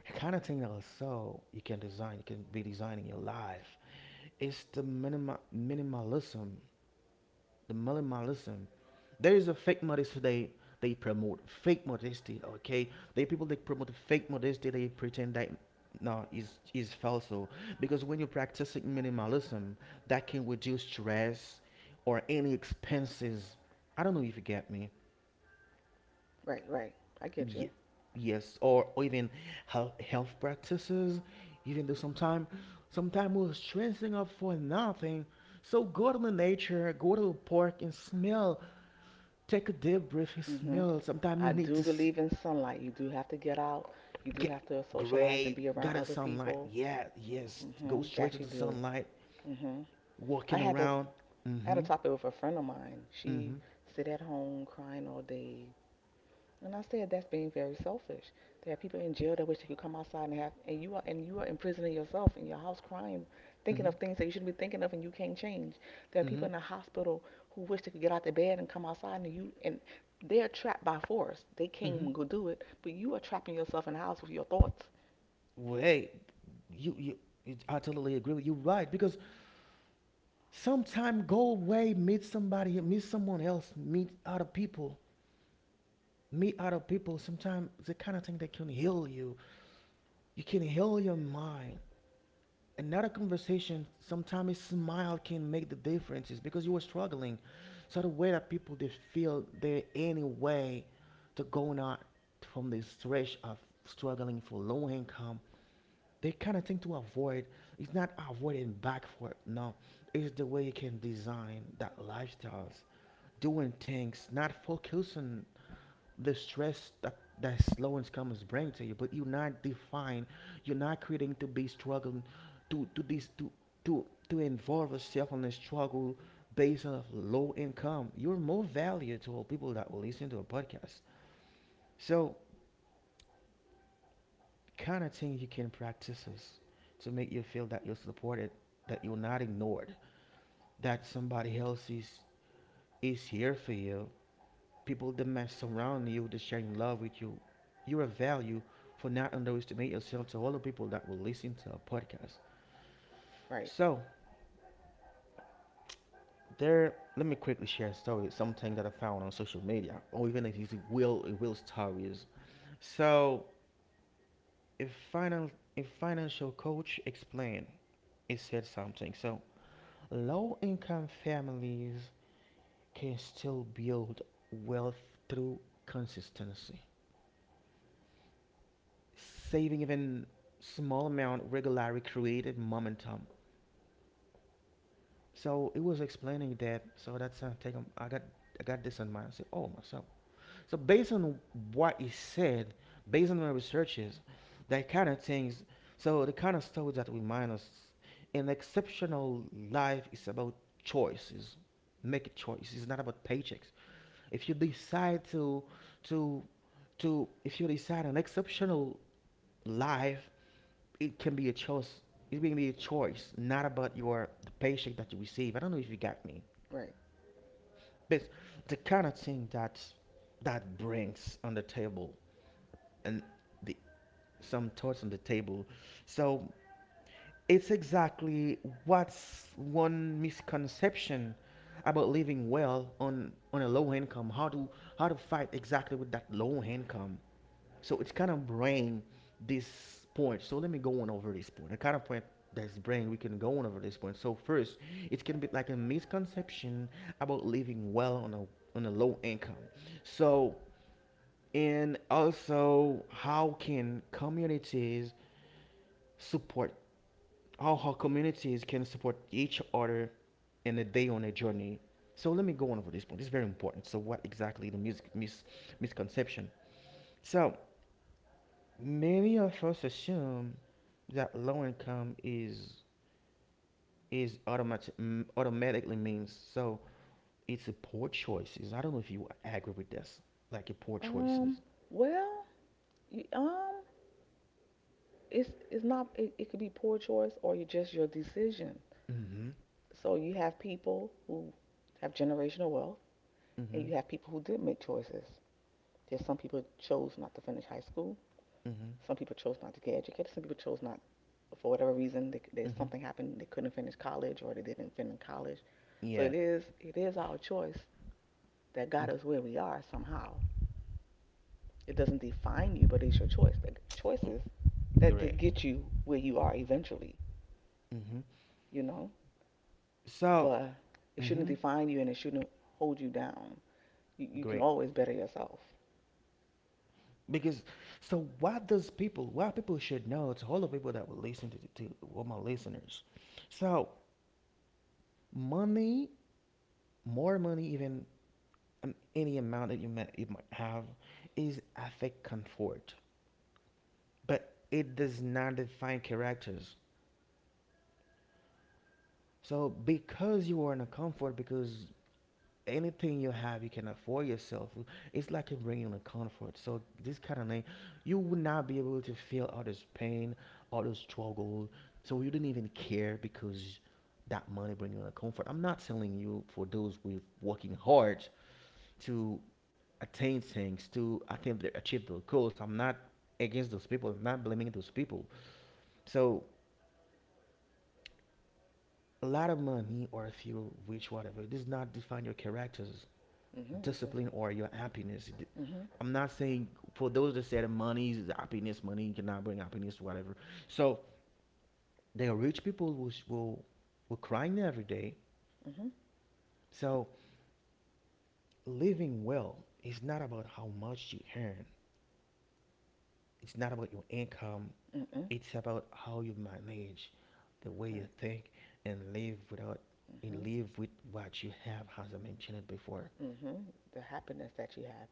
Speaker 1: the kind of thing that also you can design, you can be designing your life. It's the minimalism, the minimalism. There is a fake modesty they promote fake modesty. Okay, they people that promote fake modesty. They pretend that no is is false. Because when you're practicing minimalism, that can reduce stress or any expenses. I don't know if you get me.
Speaker 2: Right, right. I get you.
Speaker 1: Ye- yes, or even health, health practices, even though sometimes sometime we're stressing up for nothing. So go to the nature, go to the park and smell. Take a deep breath and
Speaker 2: Mhm.
Speaker 1: smell. Sometimes you
Speaker 2: I
Speaker 1: need to
Speaker 2: do believe in sunlight. You do have to get out. You do
Speaker 1: get
Speaker 2: have to socialize and
Speaker 1: great,
Speaker 2: be around
Speaker 1: got a
Speaker 2: other
Speaker 1: sunlight.
Speaker 2: people.
Speaker 1: Yeah, yes. Go
Speaker 2: Mhm.
Speaker 1: straight to
Speaker 2: That you
Speaker 1: the
Speaker 2: do.
Speaker 1: sunlight,
Speaker 2: Mhm. I
Speaker 1: walking
Speaker 2: had to
Speaker 1: around.
Speaker 2: I had a
Speaker 1: Mm-hmm,
Speaker 2: topic with a friend of mine.
Speaker 1: mm-hmm,
Speaker 2: She sit at home crying all day, and I said that's being very selfish. There are people in jail that wish they could come outside and have, and you are imprisoning yourself in your house crying, thinking
Speaker 1: mm-hmm,
Speaker 2: of things that you shouldn't be thinking of, and you can't change. There are
Speaker 1: mm-hmm,
Speaker 2: people in the hospital who wish they could get out the bed and come outside, and they're trapped by force. They can't
Speaker 1: mm-hmm.
Speaker 2: even go do it, but you are trapping yourself in the house with your thoughts.
Speaker 1: Wait, you, you, I totally agree with you, right? Because sometime go away, meet somebody, meet someone else, meet other people, meet other people. Sometimes the kind of thing that can heal you. You can heal your mind. Another conversation, sometimes a smile can make the difference. It's because you were struggling. So the way that people they feel there any way to go out from this stretch of struggling for low income, they kind of thing to avoid, it's not avoiding back for no, it's the way you can design that lifestyles doing things not focusing the stress that that slow and comes bring to you but you're not defined, you're not creating to be struggling to this to involve yourself in a struggle based on low income. You're more value to all people that will listen to a podcast. So kind of thing you can practice is to make you feel that you're supported, that you're not ignored, that somebody else is here for you. People that may surround you, that sharing love with you. You're a value for not underestimate yourself to all the people that will listen to our podcast.
Speaker 2: Right,
Speaker 1: So there, let me quickly share a story, something that I found on social media, or even if it's will stories. So a final a financial coach explained, it said something. So low income families can still build wealth through consistency. Saving even small amount regularly created momentum. So it was explaining that. So that's how I got this in mind. I said, oh myself. So based on what he said, based on my researches, that kind of things. So the kind of stories that remind us, an exceptional life is about choices. Make choices. It's not about paychecks. If you decide to to if you decide an exceptional life, it can be a choice. It can be a choice, not about your the paycheck that you receive. I don't know if you got me.
Speaker 2: right.
Speaker 1: But the kind of thing that brings on the table, and the some thoughts on the table. So it's exactly what's one misconception about living well on a low income, how to fight exactly with that low income. So it's kind of bring this point. So let me go on over this point. The kind of point that's bring we can go on over this point. So first, it can be like a misconception about living well on a low income. So and also support how communities can support each other in a day on a journey. So let me go on over this point. It's very important. So what exactly the misconception? So many of us assume that low income is automatically means, so it's a poor choices. I don't know if you agree with this, like a poor
Speaker 2: Um.
Speaker 1: choices.
Speaker 2: Well, you, it's not it, it could be poor choice or you just your decision,
Speaker 1: Mm-hmm.
Speaker 2: so you have people who have generational wealth
Speaker 1: Mm-hmm.
Speaker 2: and you have people who did make choices. There's some people chose not to finish high school,
Speaker 1: Mm-hmm.
Speaker 2: some people chose not to get educated, some people chose not, for whatever reason they, there's
Speaker 1: Mm-hmm.
Speaker 2: something happened they couldn't finish college or they didn't finish college. So
Speaker 1: Yeah.
Speaker 2: it is our choice that
Speaker 1: Mm.
Speaker 2: got us where we are somehow. It doesn't define you, but it's your choice, the
Speaker 1: Mm.
Speaker 2: choices that
Speaker 1: Great.
Speaker 2: did get you where you are eventually,
Speaker 1: Mm-hmm.
Speaker 2: you know.
Speaker 1: So,
Speaker 2: But it shouldn't
Speaker 1: mm-hmm.
Speaker 2: define you and it shouldn't hold you down. You can
Speaker 1: Great.
Speaker 2: always better yourself.
Speaker 1: Because, so what people should know, to all the people that will listen to all my listeners. So, money, more money, even any amount that you might have is affect comfort, but it does not define characters. So because you are in a comfort, because anything you have you can afford yourself, it's like you're bringing a comfort. So this kind of thing, you would not be able to feel all this pain, all this struggle. So you didn't even care because that money bring you a comfort. I'm not telling you for those with working hard to attain things, to attempt to achieve their goals. I'm not against those people. I'm not blaming those people. So a lot of money, or if you're rich, whatever, it does not define your character's
Speaker 2: Mm-hmm,
Speaker 1: discipline
Speaker 2: Justin.
Speaker 1: or your happiness.
Speaker 2: Mm-hmm,
Speaker 1: I'm not saying for those that said money is happiness, money cannot bring happiness, whatever. So there are rich people who will were crying every day.
Speaker 2: mm-hmm,
Speaker 1: So living well is not about how much you earn. It's not about your income.
Speaker 2: mm-hmm.
Speaker 1: It's about how you manage, the way you
Speaker 2: Right.
Speaker 1: think, and live without and
Speaker 2: Mm-hmm,
Speaker 1: live with what you have, as I mentioned before.
Speaker 2: mm-hmm. The happiness that you have,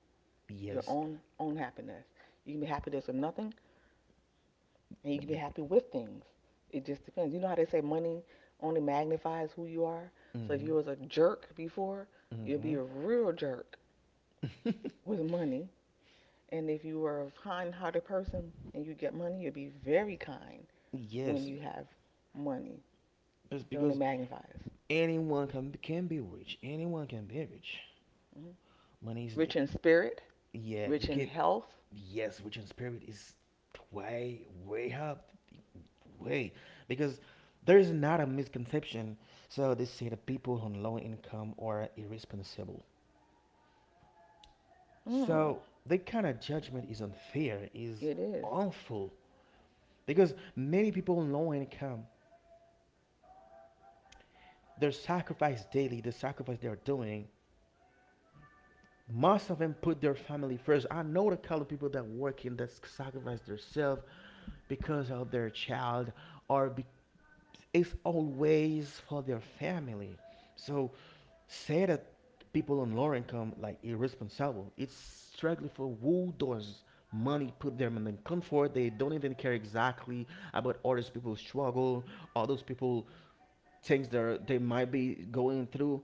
Speaker 2: your
Speaker 1: Yes.
Speaker 2: own own happiness. You can be happy with nothing, and you can be happy with things. It just depends. You know how they say money only magnifies who you are. So if
Speaker 1: Mm-hmm.
Speaker 2: you was a jerk before, you'll be
Speaker 1: Mm-hmm.
Speaker 2: a real jerk with money. And if you were a kind-hearted person and you get money, you'll be very kind. When
Speaker 1: Yes,
Speaker 2: you have money.
Speaker 1: it's
Speaker 2: It only
Speaker 1: because
Speaker 2: magnifies.
Speaker 1: anyone can be rich, anyone can be rich.
Speaker 2: Mhm.
Speaker 1: Money is,
Speaker 2: Rich in spirit,
Speaker 1: yeah
Speaker 2: rich
Speaker 1: you
Speaker 2: in
Speaker 1: can,
Speaker 2: health.
Speaker 1: yes, rich in spirit is way up, way, because there is not a misconception. So they say that people on low income are irresponsible.
Speaker 2: Mm,
Speaker 1: So that kind of judgment is unfair, is
Speaker 2: it is.
Speaker 1: awful. Because many people in low income, their sacrifice daily, the sacrifice they are doing, most of them put their family first. I know the kind of people that work in that sacrifice themselves because of their child, or be- it's always for their family. So say that people on lower income like irresponsible. It's struggling for who does money put them in the comfort. They don't even care exactly about all those people struggle, all those people things that they might be going through.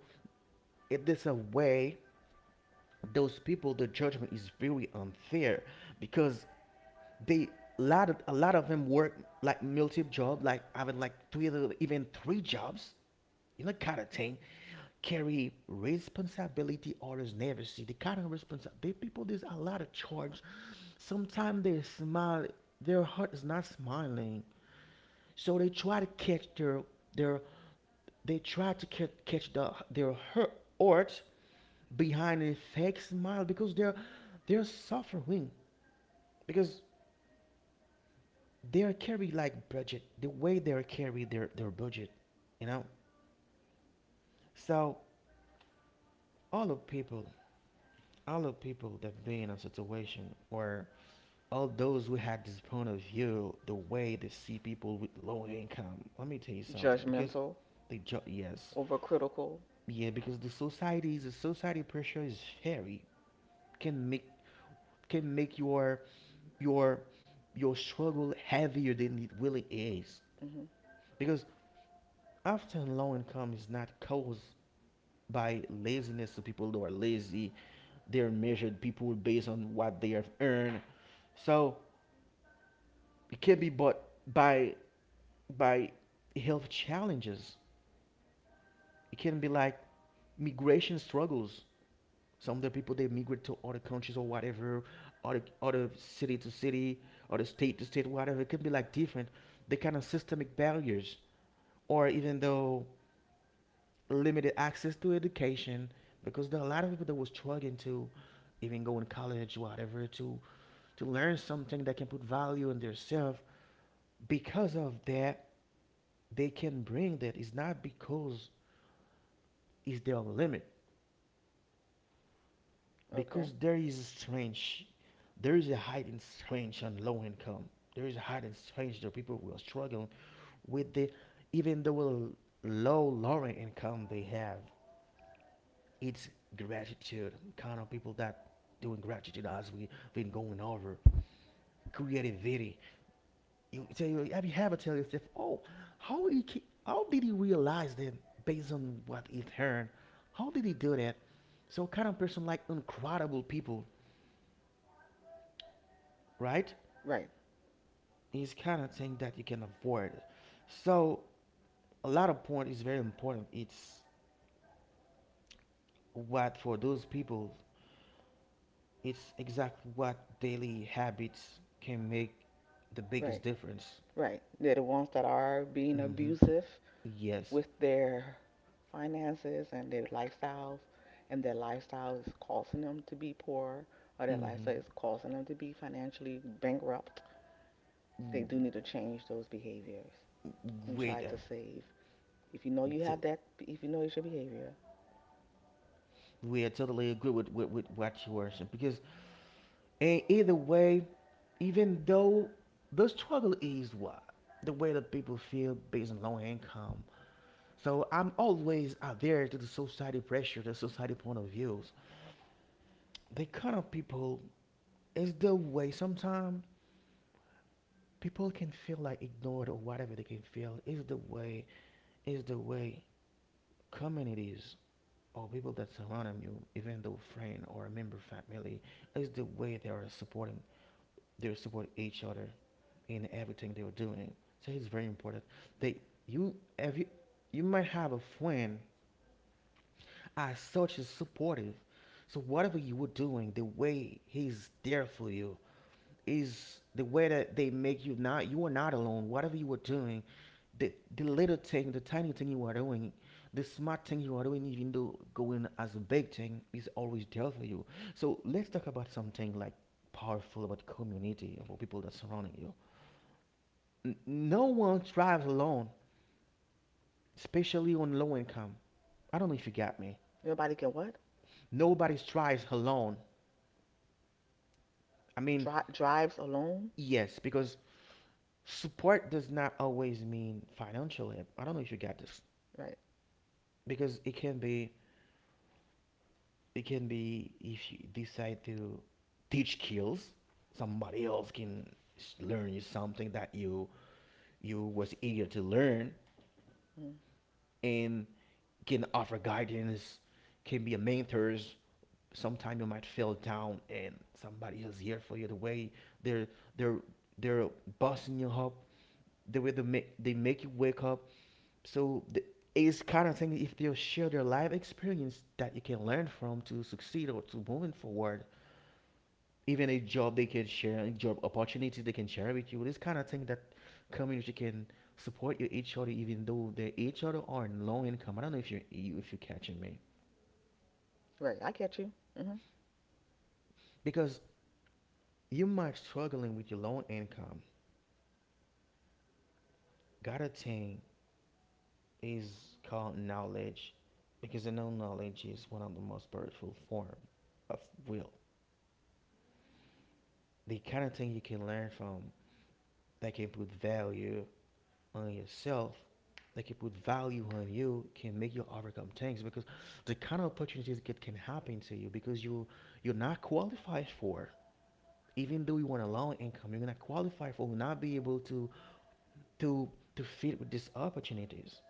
Speaker 1: It is a way those people the judgment is very unfair, because they, a lot of them work like multiple job, like having like three, even three jobs, you know, kind of thing, carry responsibility others never see. The kind of responsibility people there's a lot of charge. Sometimes they smile, their heart is not smiling, so their they try to catch their hurt heart behind a fake smile, because they're suffering, because they're carry their budget, you know. So all of people all the people that been in a situation where all those who had this point of view, the way they see people with low income, let me tell you something, because
Speaker 2: Judgmental,
Speaker 1: yes,
Speaker 2: overcritical.
Speaker 1: yeah, because the society pressure is very, can make, can make your your struggle heavier than it really is,
Speaker 2: Hmm.
Speaker 1: because often low income is not caused by laziness of people who are lazy, they're measured people based on what they have earned. So it can be bought by by health challenges. It can be like migration struggles. Some of the people they migrate to other countries or whatever, other city to city, other state to state, whatever. It can be like different. The kind of systemic barriers, or even though limited access to education, because there are a lot of people that was struggling to even go in college, whatever, to learn something that can put value in their self. Because of that, they can bring, that is not because it's their limit,
Speaker 2: Okay.
Speaker 1: because there is a strange, there is a hidden strange on low income. There is a hidden strange that people who are struggling with the, even though low lower income they have. It's gratitude, kind of people that doing gratitude as we been going over. Creativity. You tell, you have, you ever tell yourself, oh, how did he realize that based on what he heard, how did he do that? So kind of person like incredible people, right?
Speaker 2: Right,
Speaker 1: Is kind of thing that you can avoid. So a lot of point is very important. It's what for those people, it's exactly what daily habits can make the
Speaker 2: right,
Speaker 1: biggest difference.
Speaker 2: right. They're the ones that are being
Speaker 1: Hmm.
Speaker 2: abusive
Speaker 1: Yes.
Speaker 2: with their finances and their lifestyles, and their lifestyle is causing them to be poor, or their
Speaker 1: Hmm.
Speaker 2: lifestyle is causing them to be financially bankrupt. They do need to change those behaviors and
Speaker 1: Wait,
Speaker 2: try to save. If you know you
Speaker 1: t-
Speaker 2: have that, if you know it's your behavior,
Speaker 1: we are totally agree with, with what you were saying, because in either way, even though, the struggle is what the way that people feel based on low income. So I'm always out there to the society pressure, the society point of views, the kind of people, is the way sometimes people can feel like ignored or whatever they can feel, is the way communities or people that surround you, even though friend or a member family, is the way they are supporting, they would support each other in everything they were doing. So it's very important. They, you have, you might have a friend as such is supportive. So whatever you were doing, the way he's there for you is the way that they make you, not, you are not alone. Whatever you were doing, the little thing, the tiny thing you are doing, the smart thing you are doing, even though going as a big thing, is always there for you. So let's talk about something like powerful about community, about people that surrounding you. No one thrives alone, especially on low income. I don't know if you got me.
Speaker 2: nobody can what?
Speaker 1: Nobody thrives alone. I mean,
Speaker 2: Drives alone?
Speaker 1: yes, because support does not always mean financial help. I don't know if you got this,
Speaker 2: Right.
Speaker 1: because it can be, it can be if you decide to teach skills, somebody else can learn you something that you was eager to learn,
Speaker 2: Mm.
Speaker 1: and can offer guidance, can be a mentor. Sometimes you might feel down and somebody is here for you, the way they're they're they're busting you up, the way they make you wake up. So the, it's kind of thing if they share their life experience that you can learn from to succeed or to moving forward. Even a job, they can share a job opportunity they can share with you, this kind of thing that community can support you each other, even though they each other are in low income. I don't know if you, if you're catching me,
Speaker 2: Right. I catch you. Hmm.
Speaker 1: because you might struggling with your low income. Got a thing is called knowledge, because I know knowledge is one of the most powerful form of will. The kind of thing you can learn from that can put value on yourself, that can put value on you, can make you overcome things, because the kind of opportunities that can happen to you because you you're not qualified for. Even though you want a low income, you're not qualified for, will not be able to to to fit with these opportunities.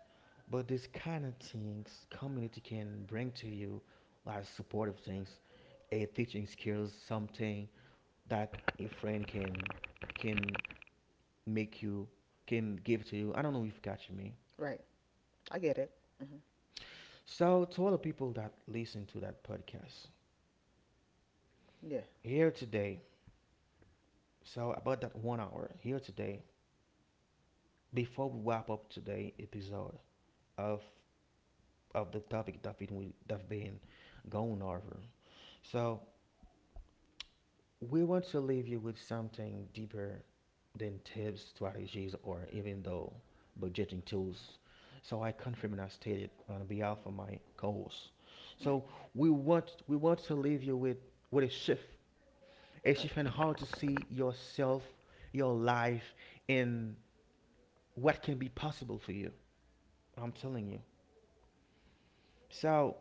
Speaker 1: But these kind of things community can bring to you as supportive things, a teaching skills, something that a friend can make you, can give to you. I don't know if you catch me.
Speaker 2: Right. I get it. Hmm.
Speaker 1: So to all the people that listen to that podcast
Speaker 2: Yeah.
Speaker 1: here today, so about that 1 hour here today, before we wrap up today episode of of the topic that we that been going over. So we want to leave you with something deeper than tips, strategies, or even though budgeting tools. So I confirm and I state it on behalf of my co-host.
Speaker 2: Right.
Speaker 1: So we want to leave you with with a shift, a shift
Speaker 2: Right.
Speaker 1: in how to see yourself, your life, and what can be possible for you. I'm telling you. So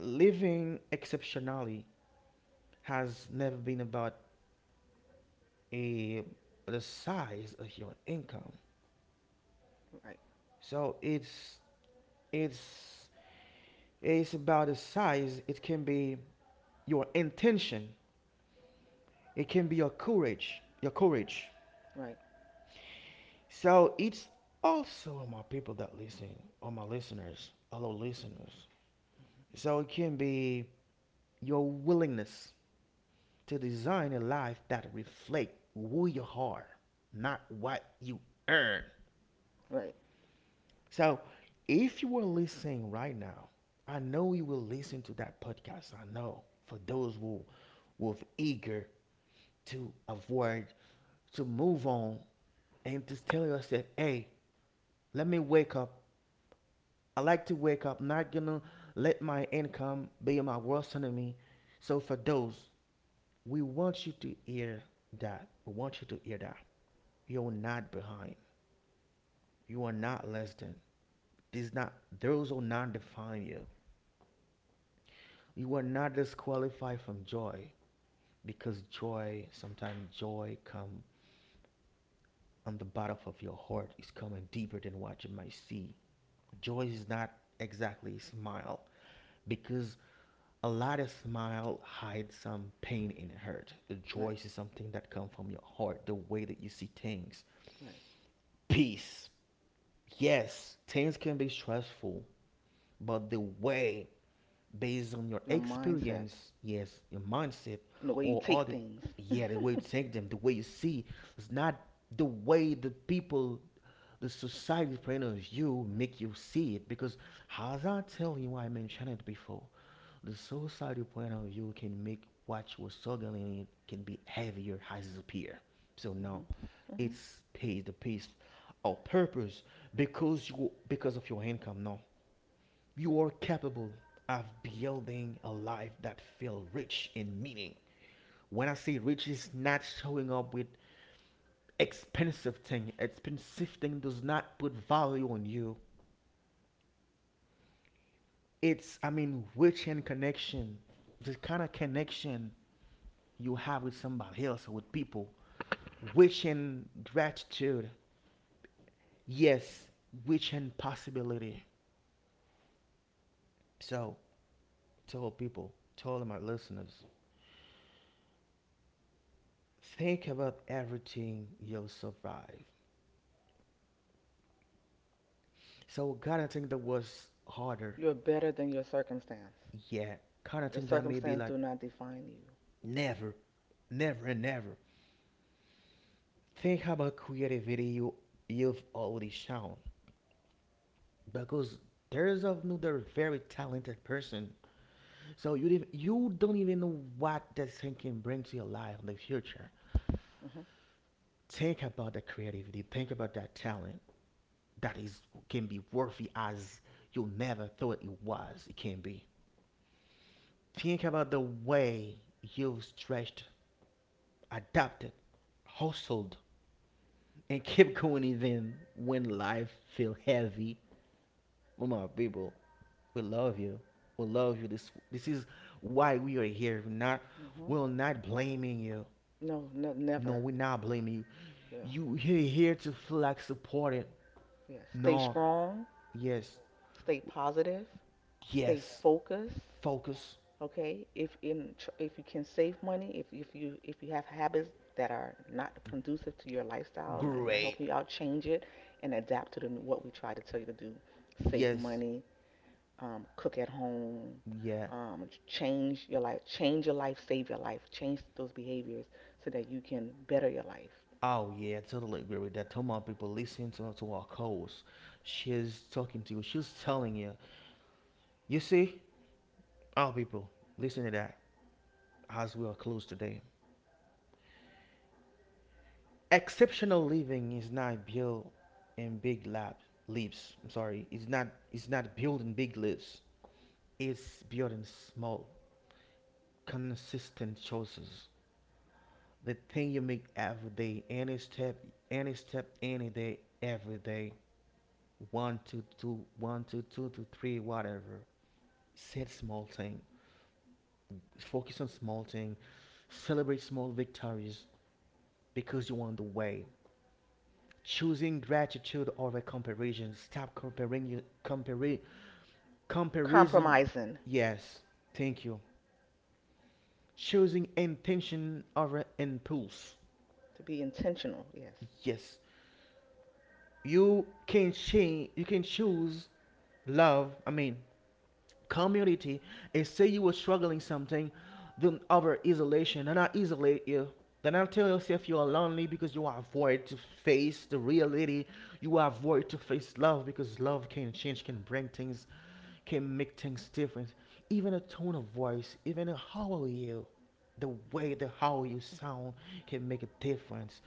Speaker 1: living exceptionally has never been about a the size of your income.
Speaker 2: Right.
Speaker 1: So it's it's about the size. It can be your intention. It can be your courage. Your courage.
Speaker 2: Right.
Speaker 1: So it's also my people that listen, all my listeners, hello listeners. So it can be your willingness to design a life that reflects who you are, not what you earn.
Speaker 2: Right.
Speaker 1: So if you are listening right now, I know you will listen to that podcast. I know for those who was eager to avoid, to move on, and to tell yourself, hey, let me wake up. I like to wake up, I'm not gonna let my income be my worst enemy. So for those, we want you to hear that. We want you to hear that. You're not behind. You are not less than. This not those will not define you. You are not disqualified from joy because joy sometimes joy come on the bottom of your heart is coming deeper than what you might see. Joy is not exactly smile because a lot of smile hides some pain and hurt. The joy
Speaker 2: Right.
Speaker 1: is something that comes from your heart, the way that you see things.
Speaker 2: Right.
Speaker 1: Peace. Yes, things can be stressful, but the way based on your
Speaker 2: Your mindset
Speaker 1: experience, yes, your mindset
Speaker 2: and the way you
Speaker 1: or
Speaker 2: take
Speaker 1: other
Speaker 2: things. hmm.
Speaker 1: yeah, the way you take them, the way you see it's not the way the people the society friend you make you see it because as I tell you I mentioned it before. The suicidal point of view can make what you're struggling in can be heavier as it appear. So now,
Speaker 2: Hmm.
Speaker 1: it's pays the piece of purpose because you because of your income. No, you are capable of building a life that feel rich in meaning. When I say rich, is not showing up with expensive thing. Expensive thing does not put value on you. It's I mean rich in connection, the kind of connection you have with somebody else or with people, which in gratitude, yes, which in possibility. So tell people, tell my listeners, think about everything you'll survive. So kind of think that was harder,
Speaker 2: You're better than your circumstance.
Speaker 1: yeah. Kind of
Speaker 2: Your
Speaker 1: think that maybe
Speaker 2: circumstance
Speaker 1: like
Speaker 2: do not define you.
Speaker 1: never, never, and never. Think about creativity you've already shown because there's of another very talented person. So you did, you don't even know what that thinking brings to your life in the future.
Speaker 2: Hmm.
Speaker 1: Think about that creativity. Think about that talent that is can be worthy as you never thought it was. It can be. Think about the way you've stretched, adapted, hustled, and kept going even when life feel heavy. Oh my people, we love you. We love you. This is why we are here. We're not
Speaker 2: Hmm.
Speaker 1: we're not blaming you.
Speaker 2: No,
Speaker 1: No,
Speaker 2: never.
Speaker 1: we're not blaming you.
Speaker 2: Yeah.
Speaker 1: You he- here to feel
Speaker 2: St-
Speaker 1: like supported?
Speaker 2: yeah. Stay
Speaker 1: No.
Speaker 2: strong,
Speaker 1: Yes.
Speaker 2: stay positive, stay
Speaker 1: Yes.
Speaker 2: focused.
Speaker 1: Focus.
Speaker 2: Okay, if you can save money, if you have habits that are not conducive to your lifestyle and I not
Speaker 1: Great.
Speaker 2: you out, change it and adapt to the, what we try to tell you to do. Save
Speaker 1: Yes.
Speaker 2: money, cook at home,
Speaker 1: Yeah.
Speaker 2: change your life, save your life, change those behaviors so that you can better your life.
Speaker 1: Oh yeah, totally agree with that. Tell my people listen to our calls. She's talking to you. She's telling you. You see, our people listen to that as we are close today. Exceptional living is not built in big lab leaps. I'm sorry. It's not. It's not built in big leaps. It's built in small consistent choices. The thing you make every day, any step, any step, any day, every day. One to two to three, whatever. Set small thing. Focus on small thing. Celebrate small victories because you're on the way. Choosing gratitude over comparison. Stop comparing you compare comparison.
Speaker 2: Compromising
Speaker 1: Yes, thank you. Choosing intention over impulse.
Speaker 2: to be intentional, yes.
Speaker 1: Yes, you can change you can choose love I mean community and say you were struggling something then over isolation and not isolate you then I'll tell yourself you are lonely because you avoid to face the reality. You avoid to face love because love can change, can bring things, can make things different. Even a tone of voice, even a how are you, the way
Speaker 2: Mm-hmm.
Speaker 1: the how you sound can make a difference.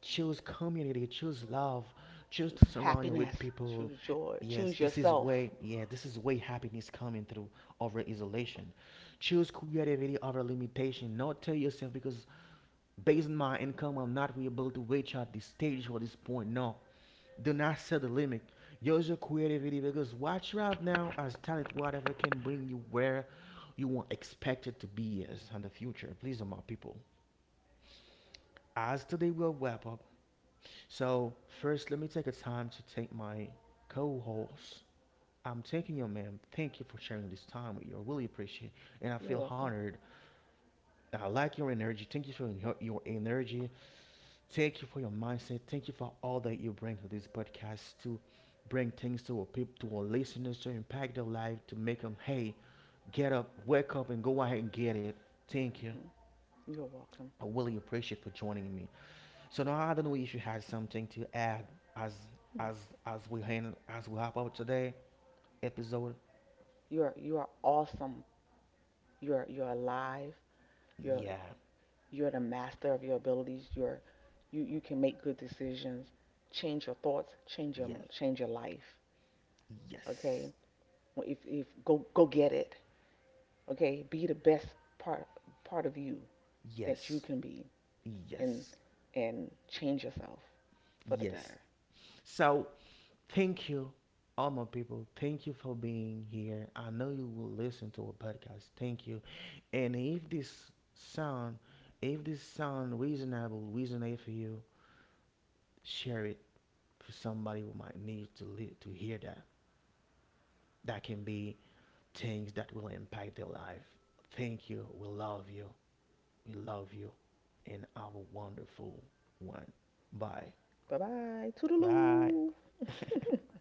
Speaker 1: Choose community, choose love, choose
Speaker 2: Choose
Speaker 1: to surround you with
Speaker 2: happiness.
Speaker 1: people.
Speaker 2: Choose joy.
Speaker 1: Yes,
Speaker 2: Choose
Speaker 1: this is
Speaker 2: yourself.
Speaker 1: way yeah, this is way happiness coming through over isolation. Choose creativity over limitation. Not tell yourself because based on my income I'm not really able to reach at this stage or this point. No. Do not set the limit. Use your creativity because what you have now as talent, whatever can bring you where you want expected to be as in the future. Please, my people. As today will wrap up, so, first, let me take a time to thank my co host. I'm thanking you, ma'am. Thank you for sharing this time with you. I really appreciate it. And I
Speaker 2: You're
Speaker 1: feel
Speaker 2: welcome.
Speaker 1: honored. I like your energy. Thank you for your energy. Thank you for your mindset. Thank you for all that you bring to this podcast to bring things to our people, to our listeners, to impact their life, to make them, hey, get up, wake up, and go ahead and get it. Thank you.
Speaker 2: Hmm. You're welcome.
Speaker 1: I really appreciate for joining me. So now I don't know if you had something to add as
Speaker 2: Hmm.
Speaker 1: as as we hand as we wrap up today episode.
Speaker 2: You're awesome. You're alive. You're
Speaker 1: Yeah,
Speaker 2: you're the master of your abilities. You're you you can make good decisions. Change your thoughts.
Speaker 1: yes,
Speaker 2: Change your life. Okay.
Speaker 1: yes,
Speaker 2: Well, if go go get it. Okay. Be the best part part of you that you
Speaker 1: yes,
Speaker 2: can be, and
Speaker 1: yes,
Speaker 2: and change yourself for the
Speaker 1: yes.
Speaker 2: better.
Speaker 1: So thank you, all my people. Thank you for being here. I know you will listen to a podcast. Thank you. And if this sound reasonable, reasonable for you, share it for somebody who might need to li- to hear that. That can be things that will impact their life. Thank you. We love you. We love you. And have a wonderful one. Bye.
Speaker 2: Bye bye.
Speaker 1: Bye.
Speaker 2: Toodaloo.